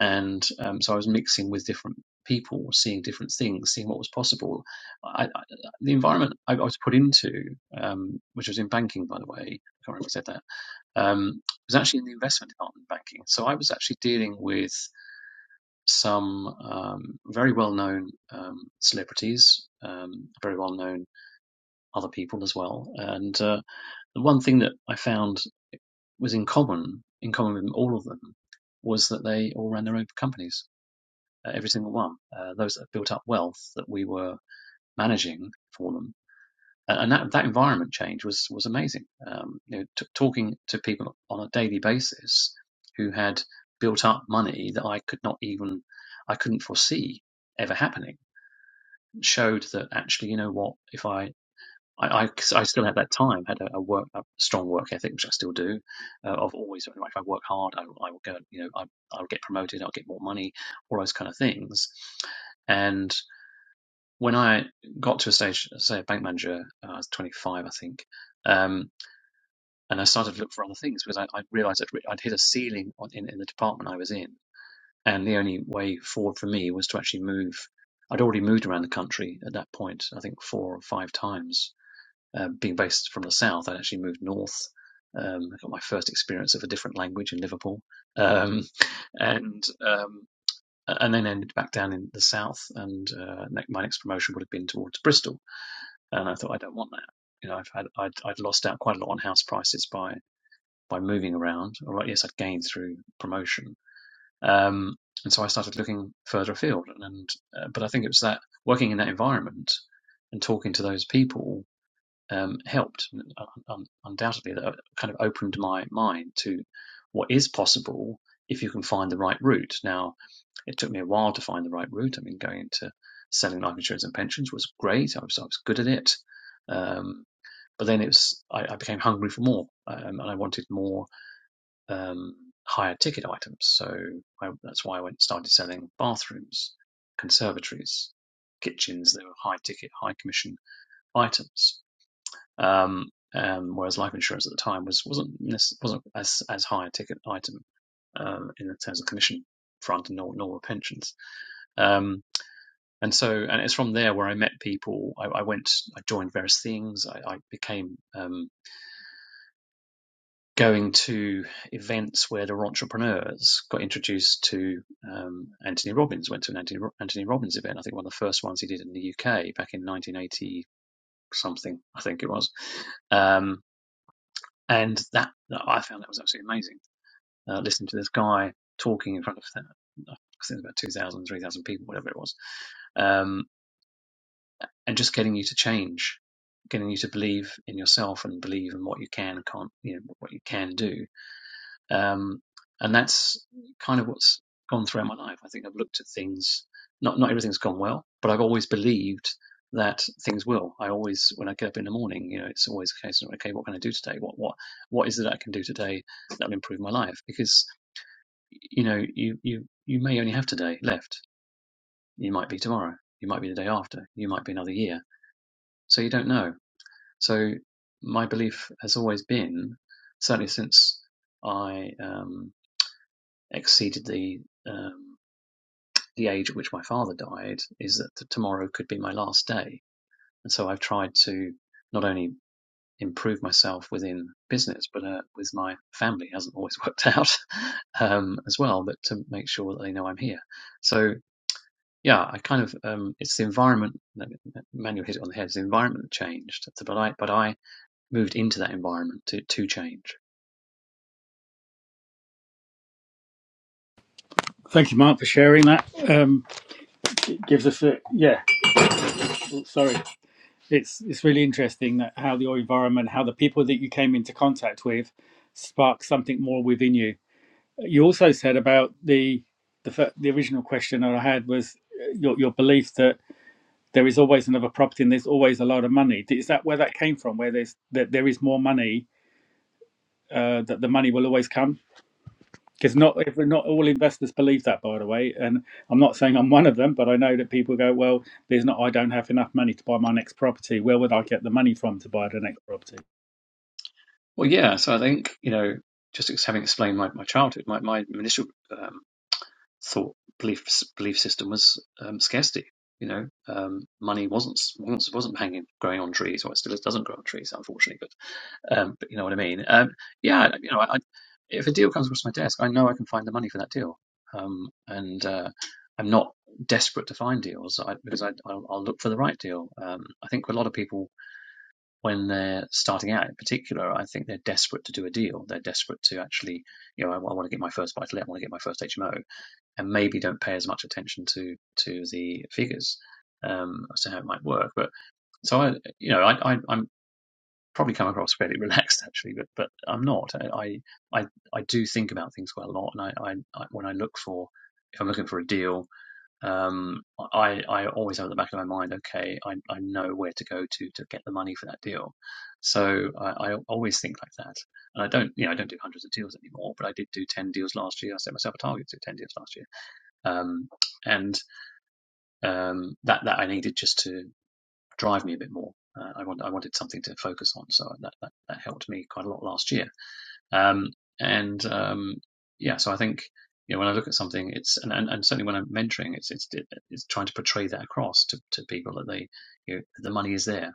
Speaker 4: and um, so I was mixing with different people, seeing different things, seeing what was possible. I, I, the environment I, I was put into, um, which was in banking, by the way, I can't remember who said that, um, was actually in the investment department of banking. So I was actually dealing with some um, very well-known um, celebrities, um, very well-known other people as well, and uh, the one thing that I found was in common in common with all of them was that they all ran their own companies, uh, every single one. Uh, those that built up wealth that we were managing for them, and, that that environment change was was amazing. Um, you know, t- talking to people on a daily basis who had built up money that I could not even I couldn't foresee ever happening showed that actually, you know what, if I I, I, I still at that time had a, a work a strong work ethic, which I still do. Uh, I've always like if I work hard, I, I will go. You know, I I'll get promoted, I'll get more money, all those kind of things. And when I got to a stage, say a bank manager, uh, I was 25, I think, um, and I started to look for other things because I, I realized I'd, I'd hit a ceiling on, in, in the department I was in. And the only way forward for me was to actually move. I'd already moved around the country at that point, I think four or five times um, being based from the south, I actually moved north. Um, I got my first experience of a different language in Liverpool, um, and um, and then ended back down in the south. And uh, my next promotion would have been towards Bristol, and I thought I don't want that. You know, I've had I'd, I'd lost out quite a lot on house prices by by moving around. All right, yes, I'd gained through promotion. Um, and so I started looking further afield, and, and uh, but I think it was that working in that environment and talking to those people um, helped un- undoubtedly that uh, kind of opened my mind to what is possible if you can find the right route. Now, it took me a while to find the right route. I mean, going into selling life insurance and pensions was great. I was I was good at it, um, but then it was I, I became hungry for more, um, and I wanted more um, higher ticket items. So I, that's why I went started selling bathrooms, conservatories, kitchens. They were high ticket, high commission items um, um, whereas life insurance at the time was wasn't wasn't as as high a ticket item um, in terms of commission front and nor, nor were pensions. Um, and so, and it's from there where I met people. I, I went, I joined various things. I, I became um, going to events where the entrepreneurs. Got introduced to um, Anthony Robbins. Went to an Anthony, Anthony Robbins event. I think one of the first ones he did in the UK back in 1980 something. I think it was. Um, and that I found that was absolutely amazing. Uh, listening to this guy talking in front of that, I think it was about 2,000, 3,000 people, whatever it was, um, and just getting you to change, getting you to believe in yourself and believe in what you can and can't, you know, what you can do, um, and that's kind of what's gone throughout my life. I think I've looked at things. Not not everything's gone well, but I've always believed that things will. I always, when I get up in the morning, you know, it's always a case of okay, what can I do today? What what what is it that I can do today that will improve my life? Because you know, you you you may only have today left. You might be tomorrow. You might be the day after. You might be another year. So you don't know. So my belief has always been, certainly since I um, exceeded the um, the age at which my father died is that t- tomorrow could be my last day. And so I've tried to not only improve myself within business, but uh, with my family It hasn't always worked out um, as well, but to make sure that they know I'm here. So yeah, I kind of um, it's the environment. Manuel hit it on the head. It's the environment that changed, but I but I moved into that environment to to change.
Speaker 1: Thank you, Mark, for sharing that. Um, it gives us a yeah. Sorry, it's it's really interesting that how your environment, how the people that you came into contact with, sparked something more within you. You also said about the the fir- the original question that I had was uh, your your belief that there is always another property and there's always a lot of money. Is that where that came from? Where there's that there is more money, uh, that the money will always come? Because not if not all investors believe that, by the way. And I'm not saying I'm one of them, but I know that people go, well, there's not. I don't have enough money to buy my next property. Where would I get the money from to buy the next property?
Speaker 4: Well, yeah. So I think you know, just having explained my, my childhood, my my initial um, thought belief belief system was um, scarcity. You know, um, money wasn't wasn't wasn't hanging growing on trees, or it still doesn't grow on trees, unfortunately. But um, but you know what I mean. Um, yeah, you know, I, if a deal comes across my desk, I know I can find the money for that deal, um, and uh, I'm not desperate to find deals I, because I, I'll, I'll look for the right deal. Um, I think a lot of people, when they're starting out, in particular, I think they're desperate to do a deal. They're desperate to actually, you know, I, I want to get my first buy to let, I want to get my first HMO and maybe don't pay as much attention to to the figures um, as to how it might work. But so I, you know, I, I I'm probably come across fairly relaxed actually, but but I'm not. I I I do think about things quite a lot, and I, I, I when I look for if I'm looking for a deal, um, I I always have at the back of my mind, okay, I I know where to go to to get the money for that deal. So I, I always think like that, and I don't you know I don't do hundreds of deals anymore, but I did do ten deals last year. I set myself a target to do ten deals last year um, and um, that that I needed just to drive me a bit more. Uh, I want I wanted something to focus on, so that that, that helped me quite a lot last year. Um, and um, yeah, so I think you know when I look at something, it's and, and, and certainly when I'm mentoring, it's it's it's trying to portray that across to, to people that they you know, the money is there,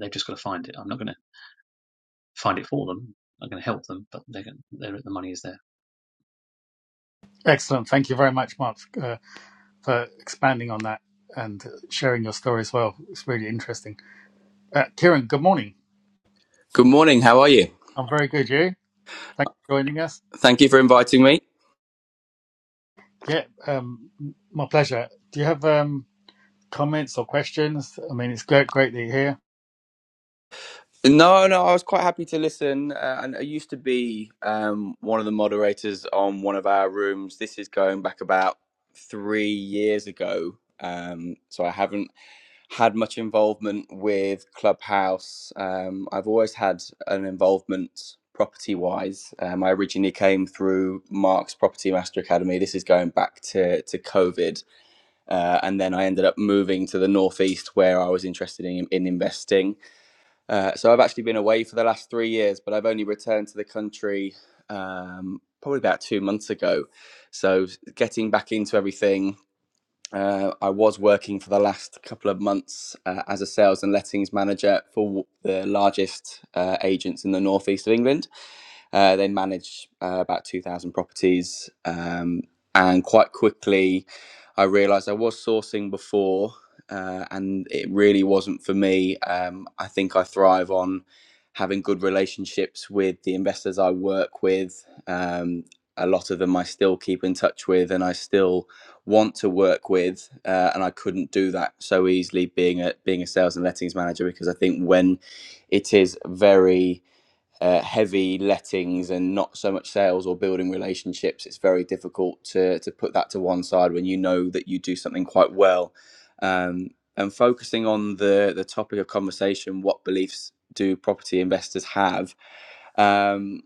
Speaker 4: they've just got to find it. I'm not going to find it for them. I'm going to help them, but they're, they're, the money is there.
Speaker 1: Excellent. Thank you very much, Mark, uh, for expanding on that and sharing your story as well. It's really interesting. Uh, Kieran, good morning.
Speaker 5: Good morning. How are you?
Speaker 1: I'm very good. You? Thanks for joining us.
Speaker 5: Thank you for inviting me.
Speaker 1: Yeah, um, my pleasure. Do you have um, comments or questions? I mean, it's great, great that you're here.
Speaker 5: No, no, I was quite happy to listen. Uh, and I used to be um, one of the moderators on one of our rooms. This is going back about three years ago. Um, so I haven't had much involvement with Clubhouse. Um, I've always had an involvement property wise. Um, I originally came through Mark's Property Master Academy. This is going back to, to COVID Uh, and then I ended up moving to the northeast where I was interested in, in investing. Uh, so I've actually been away for the last three years, but I've only returned to the country um, probably about two months ago. So getting back into everything, uh, I was working for the last couple of months uh, as a sales and lettings manager for the largest uh, agents in the northeast of England. Uh, they manage uh, about 2,000 properties. Um, and quite quickly, I realized I was sourcing before, uh, and it really wasn't for me. Um, I think I thrive on having good relationships with the investors I work with. Um, a lot of them I still keep in touch with, and I still want to work with, uh, and I couldn't do that so easily being a being a sales and lettings manager because I think when it is very uh, heavy lettings and not so much sales or building relationships, it's very difficult to to put that to one side when you know that you do something quite well. Um, and focusing on the the topic of conversation, what beliefs do property investors have? Um,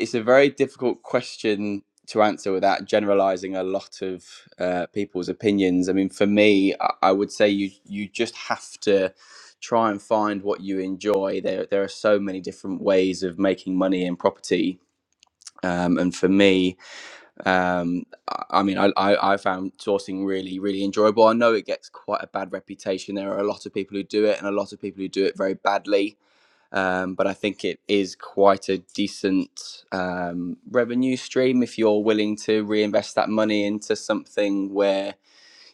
Speaker 5: it's a very difficult question to answer without generalizing a lot of uh, people's opinions. I mean, for me, I, I would say you you just have to try and find what you enjoy. There there are so many different ways of making money in property. Um, and for me, um, I I mean, I, I, I found sourcing really, really enjoyable. I know it gets quite a bad reputation. There are a lot of people who do it, and a lot of people who do it very badly um, but I think it is quite a decent um, revenue stream if you're willing to reinvest that money into something where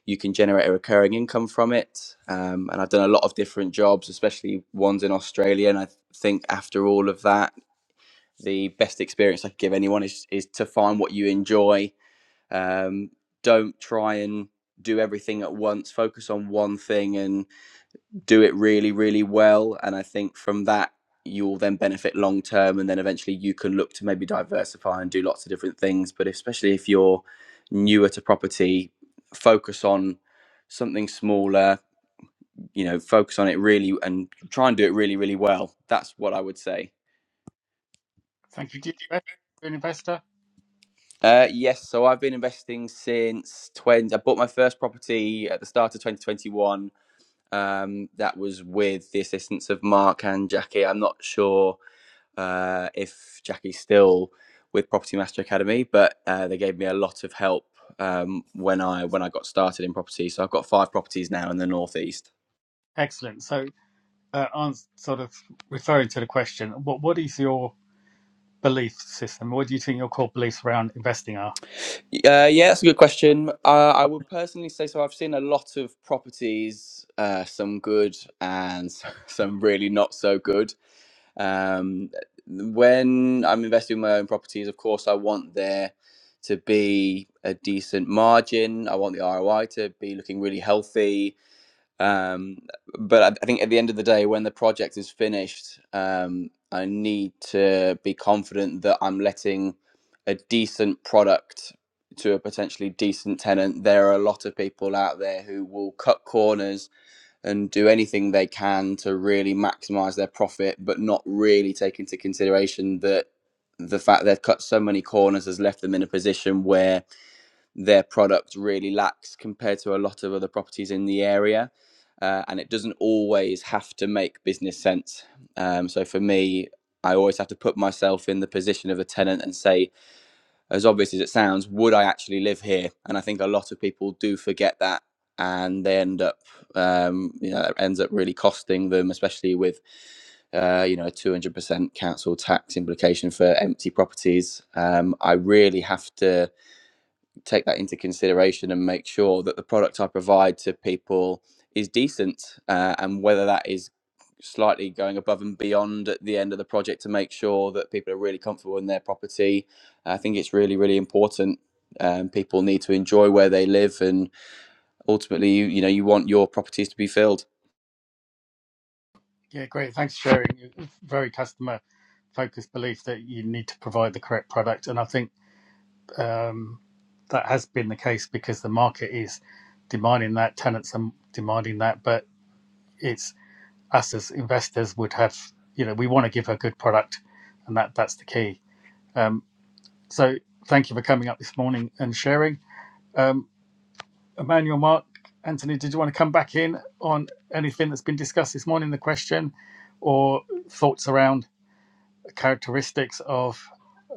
Speaker 5: you can generate a recurring income from it. Um, and I've done a lot of different jobs, especially ones in Australia. And I th- think after all of that, the best experience I could give anyone is, is to find what you enjoy. Um, don't try and do everything at once, focus on one thing and do it really, really well. And I think from that, you'll then benefit long term. And then eventually you can look to maybe diversify and do lots of different things. But especially if you're newer to property, focus on something smaller, you know, focus on it really and try and do it really, really well. That's what I would say.
Speaker 1: Thank you. Do you invest? You're an investor?
Speaker 5: Uh, yes, so I've been investing since 20. I bought my first property at the start of 2021. Um, that was with the assistance of Mark and Jackie. I'm not sure uh, if Jackie's still with Property Master Academy, but uh, they gave me a lot of help um, when I when I got started in property. So I've got five properties now in the northeast.
Speaker 1: Excellent. So, uh, I'm sort of referring to the question. What What is your belief system? What do you think your core beliefs around investing are?
Speaker 5: Uh, yeah, that's a good question. Uh, I would personally say so. I've seen a lot of properties, uh, some good and some really not so good. Um, when I'm investing in my own properties, of course, I want there to be a decent margin. I want the ROI to be looking really healthy. Um, but I, I think at the end of the day, when the project is finished, um, I need to be confident that I'm letting a decent product to a potentially decent tenant. There are a lot of people out there who will cut corners and do anything they can to really maximize their profit, but not really take into consideration that the fact they've cut so many corners has left them in a position where their product really lacks compared to a lot of other properties in the area. Uh, and it doesn't always have to make business sense. Um, so for me, I always have to put myself in the position of a tenant and say, as obvious as it sounds, would I actually live here? And I think a lot of people do forget that. And they end up, um, you know, it ends up really costing them, especially with uh, you know, a 200% council tax implication for empty properties. Um, I really have to take that into consideration and make sure that the product I provide to people is decent, uh, and whether that is slightly going above and beyond at the end of the project to make sure that people are really comfortable in their property. I think it's really, really important. Um, people need to enjoy where they live, and ultimately, you, you know, you want your properties to be filled.
Speaker 1: Yeah, great. Thanks for sharing. your Very customer focused belief that you need to provide the correct product, and I think um, that has been the case because the market is demanding that, tenants are demanding that, but. It's us as investors would have, you know, we want to give a good product, and that that's the key. Um, so thank you for coming up this morning and sharing. Um, Emmanuel, Mark, Anthony, did you want to come back in on anything that's been discussed this morning, the question, or thoughts around characteristics of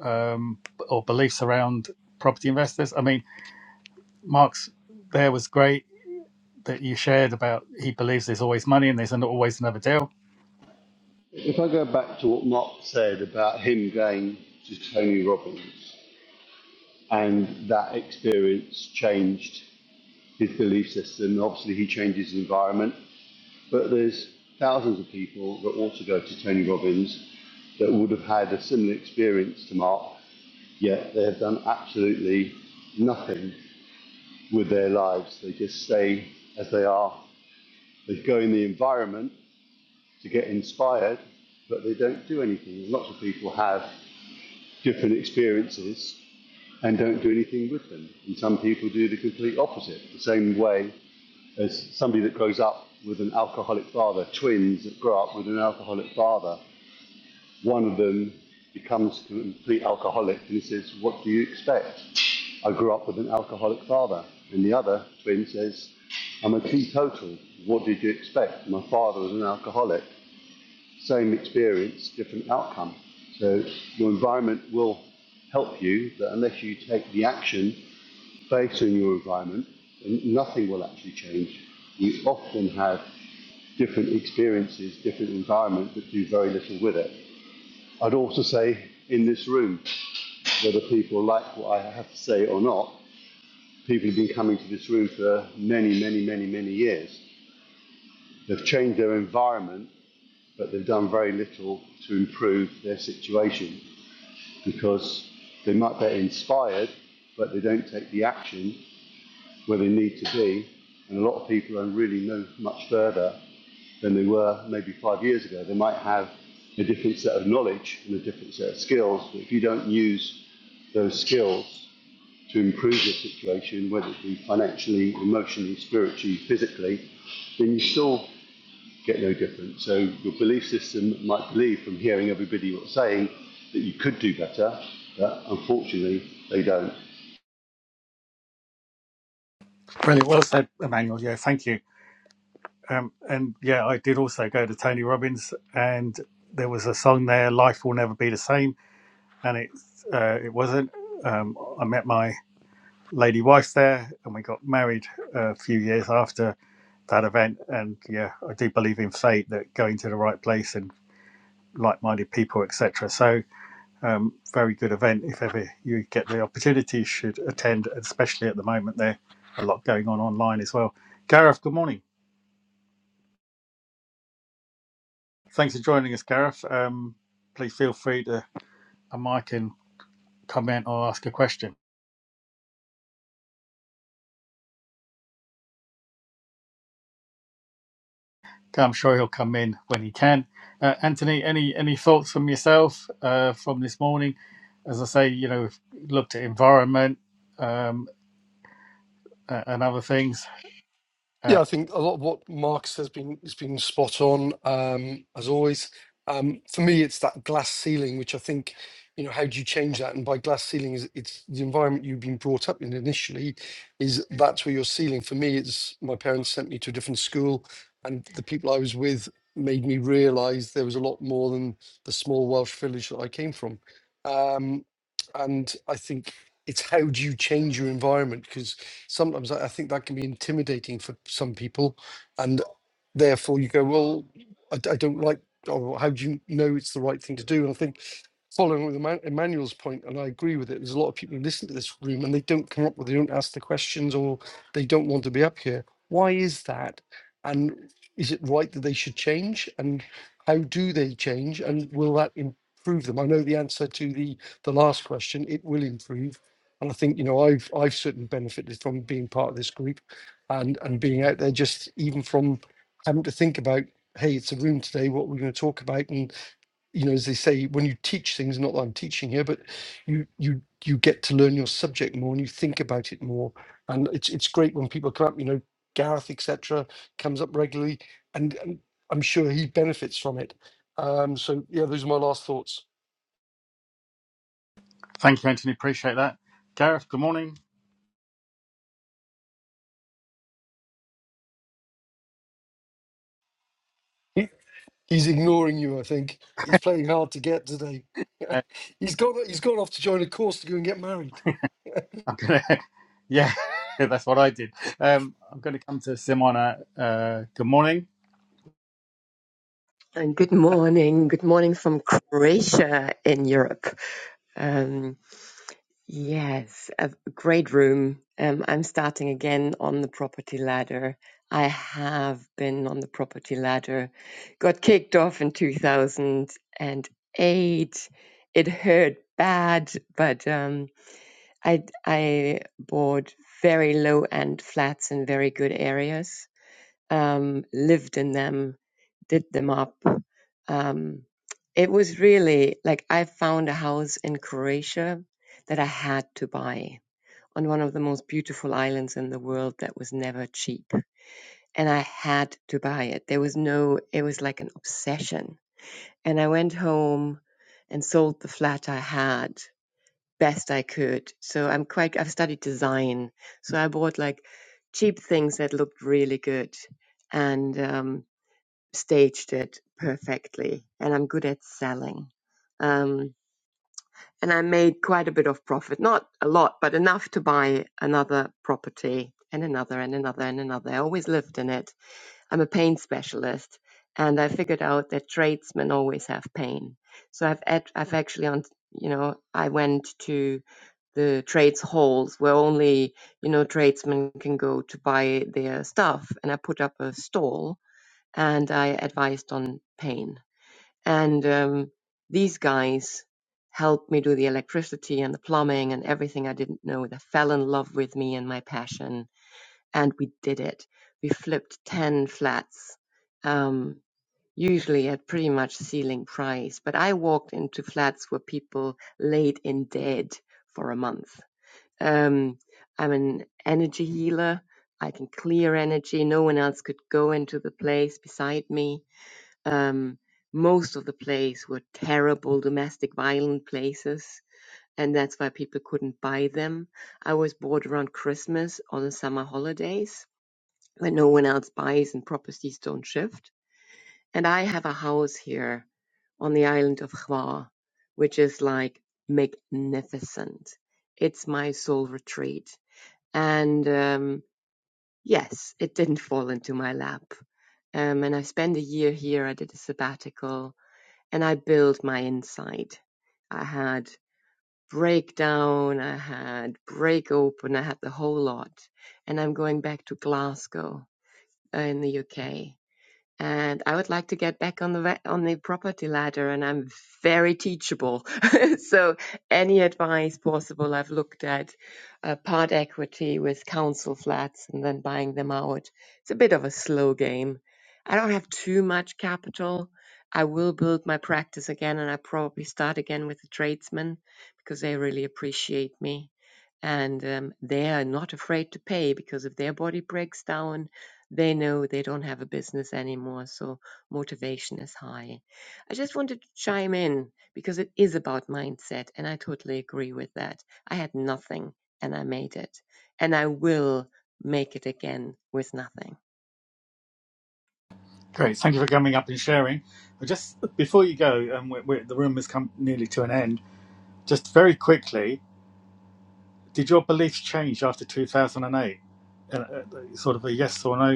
Speaker 1: um, or beliefs around property investors? I mean, Mark's there was great that you shared about he believes there's always money and there's an- always another deal.
Speaker 3: If I go back to what Mark said about him going to Tony Robbins and that experience changed his belief system. Obviously, he changes his environment, but there's thousands of people that also go to Tony Robbins that would have had a similar experience to Mark, yet they have done absolutely nothing with their lives. They just stay as they are. They go in the environment to get inspired, but they don't do anything. Lots of people have different experiences and don't do anything with them. And some people do the complete opposite, the same way as somebody that grows up with an alcoholic father, twins that grow up with an alcoholic father, one of them becomes a complete alcoholic and he says, What do you expect? I grew up with an alcoholic father. And the other twin says, I'm a teetotal. What did you expect? My father was an alcoholic. Same experience, different outcome. So your environment will help you, but unless you take the action based on your environment, nothing will actually change. You often have different experiences, different environment, but do very little with it. I'd also say in this room, whether people like what I have to say or not, people have been coming to this room for many, many, many, many years. They've changed their environment, but they've done very little to improve their situation because they might be inspired, but they don't take the action where they need to be. And a lot of people are really no much further than they were maybe five years ago. They might have a different set of knowledge and a different set of skills, but if you don't use those skills to improve your situation, whether it be financially, emotionally, spiritually, physically, then you still get no different. So your belief system might believe from hearing everybody what's saying that you could do better, but unfortunately they don't.
Speaker 1: Brilliant. Well said, Emmanuel. Yeah, thank you. Um, and yeah, I did also go to Tony Robbins, and there was a song there, "Life Will Never Be the Same," and it uh, it wasn't. Um, I met my lady wife there, and we got married a few years after that event. And yeah, I do believe in fate that going to the right place and like-minded people, etc. So, um, very good event if ever you get the opportunity, you should attend. Especially at the moment, there a lot going on online as well. Gareth, good morning. Thanks for joining us, Gareth. Um, please feel free to a mic and comment or ask a question. I'm sure he'll come in when he can. Uh, Anthony, any any thoughts from yourself uh, from this morning? As I say, you know, we've looked at environment um, uh, and other things. Uh,
Speaker 2: Yeah, I think a lot of what Marcus has been has been spot on um, as always. Um, for me, it's that glass ceiling, which I think, you know, how do you change that? And by glass ceiling is it's the environment you've been brought up in initially, is that's where your ceiling. For me, it's my parents sent me to a different school, and the people I was with made me realise there was a lot more than the small Welsh village that I came from. Um, and I think it's how do you change your environment? because sometimes I I think that can be intimidating for some people, and therefore you go, well, I, d- I don't like. Or how do you know it's the right thing to do? And I think following with Eman- Emmanuel's point, and I agree with it. There's a lot of people who listen to this room and they don't come up with, they don't ask the questions, or they don't want to be up here. Why is that? And is it right that they should change? And how do they change? And will that improve them? I know the answer to the the last question. It will improve, and I think you know I've I've certainly benefited from being part of this group, and and being out there just even from having to think about. Hey, it's a room today. What we're going to talk about, and you know, as they say, when you teach things, not that I'm teaching here, but you you you get to learn your subject more and you think about it more. And it's it's great when people come up, you know, Gareth, etc., comes up regularly and, and I'm sure he benefits from it. Um, so yeah, those are my last thoughts.
Speaker 1: thank you, Anthony. Appreciate that. Gareth, good morning.
Speaker 2: He, he's ignoring you, I think. He's playing hard to get today.
Speaker 1: Uh,
Speaker 2: he's gone he's gone off to join a course to go and get married.
Speaker 1: I'm gonna, yeah, that's what I did. Um, I'm going to come to Simona. Uh, good morning.
Speaker 6: And good morning. Good morning from Croatia in Europe. Um, yes, a great room. Um, I'm starting again on the property ladder. I have been on the property ladder, got kicked off in 2008. It hurt bad, but um, I, I bought very low end flats in very good areas, um, lived in them, did them up. Um, it was really like I found a house in Croatia that I had to buy on one of the most beautiful islands in the world that was never cheap. And I had to buy it. There was no, it was like an obsession. And I went home and sold the flat I had best I could. So I'm quite, I've studied design. So I bought like cheap things that looked really good. And, um, staged it perfectly and I'm good at selling. Um, and I made quite a bit of profit, not a lot, but enough to buy another property and another and another and another. I always lived in it. I'm a pain specialist and I figured out that tradesmen always have pain. So I've, act- I've actually, on, you know, I went to the trades halls where only, you know, tradesmen can go to buy their stuff. And I put up a stall and I advised on pain. And um, these guys helped me do the electricity and the plumbing and everything I didn't know. They fell in love with me and my passion, and we did it. We flipped 10 flats, um, usually at pretty much ceiling price. But I walked into flats where people laid in dead for a month. Um, I'm an energy healer. I can clear energy. No one else could go into the place beside me um, most of the plays were terrible domestic violent places, and that's why people couldn't buy them. I was bored around Christmas or the summer holidays when no one else buys and properties don't shift. And I have a house here on the island of Hvar, which is like magnificent. It's my soul retreat. And um, yes, it didn't fall into my lap. Um, and I spent a year here. I did a sabbatical and I built my inside. I had breakdown, I had break open, I had the whole lot. And I'm going back to Glasgow uh, in the UK and I would like to get back on the wa- on the property ladder, and I'm very teachable. so any advice possible, I've looked at uh, part equity with council flats and then buying them out. It's a bit of a slow game. I don't have too much capital. I will build my practice again, and I probably start again with the tradesmen because they really appreciate me. And um, they are not afraid to pay because if their body breaks down, they know they don't have a business anymore, so motivation is high. I just wanted to chime in because it is about mindset, and I totally agree with that. I had nothing and I made it, and I will make it again with nothing.
Speaker 1: Great. Thank you for coming up and sharing. But Just before you go, and we we the room has come nearly to an end. Just very quickly, did your beliefs change after 2008? Uh, uh, sort of a yes or no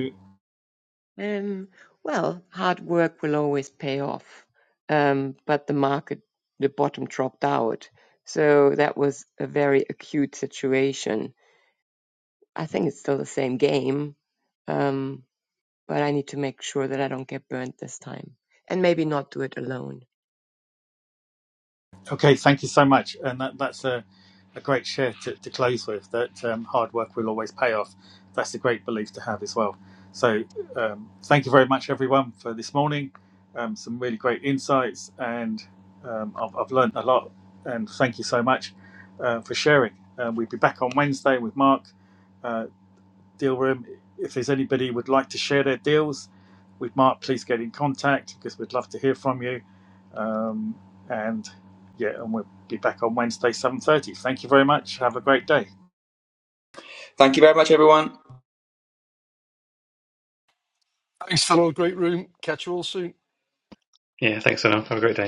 Speaker 6: Um, well, hard work will always pay off, um, but the market, the bottom dropped out. So that was a very acute situation. I think it's still the same game, Um, but I need to make sure that I don't get burnt this time and maybe not do it alone.
Speaker 1: Okay, thank you so much. And that, that's a, a great share to, to close with that um, hard work will always pay off. That's a great belief to have as well. So, um, thank you very much, everyone, for this morning. Um, some really great insights, and um, I've, I've learned a lot. And thank you so much uh, for sharing. Um, we'll be back on Wednesday with Mark, uh, Deal Room. If there's anybody who would like to share their deals with Mark, please get in contact because we'd love to hear from you um, and yeah, and we'll be back on Wednesday, 7.30. Thank you very much. Have a great day.
Speaker 5: Thank you very much, everyone.
Speaker 2: Thanks, fellow. Great room. Catch you all soon.
Speaker 4: Yeah, thanks, Anil. Have a great day.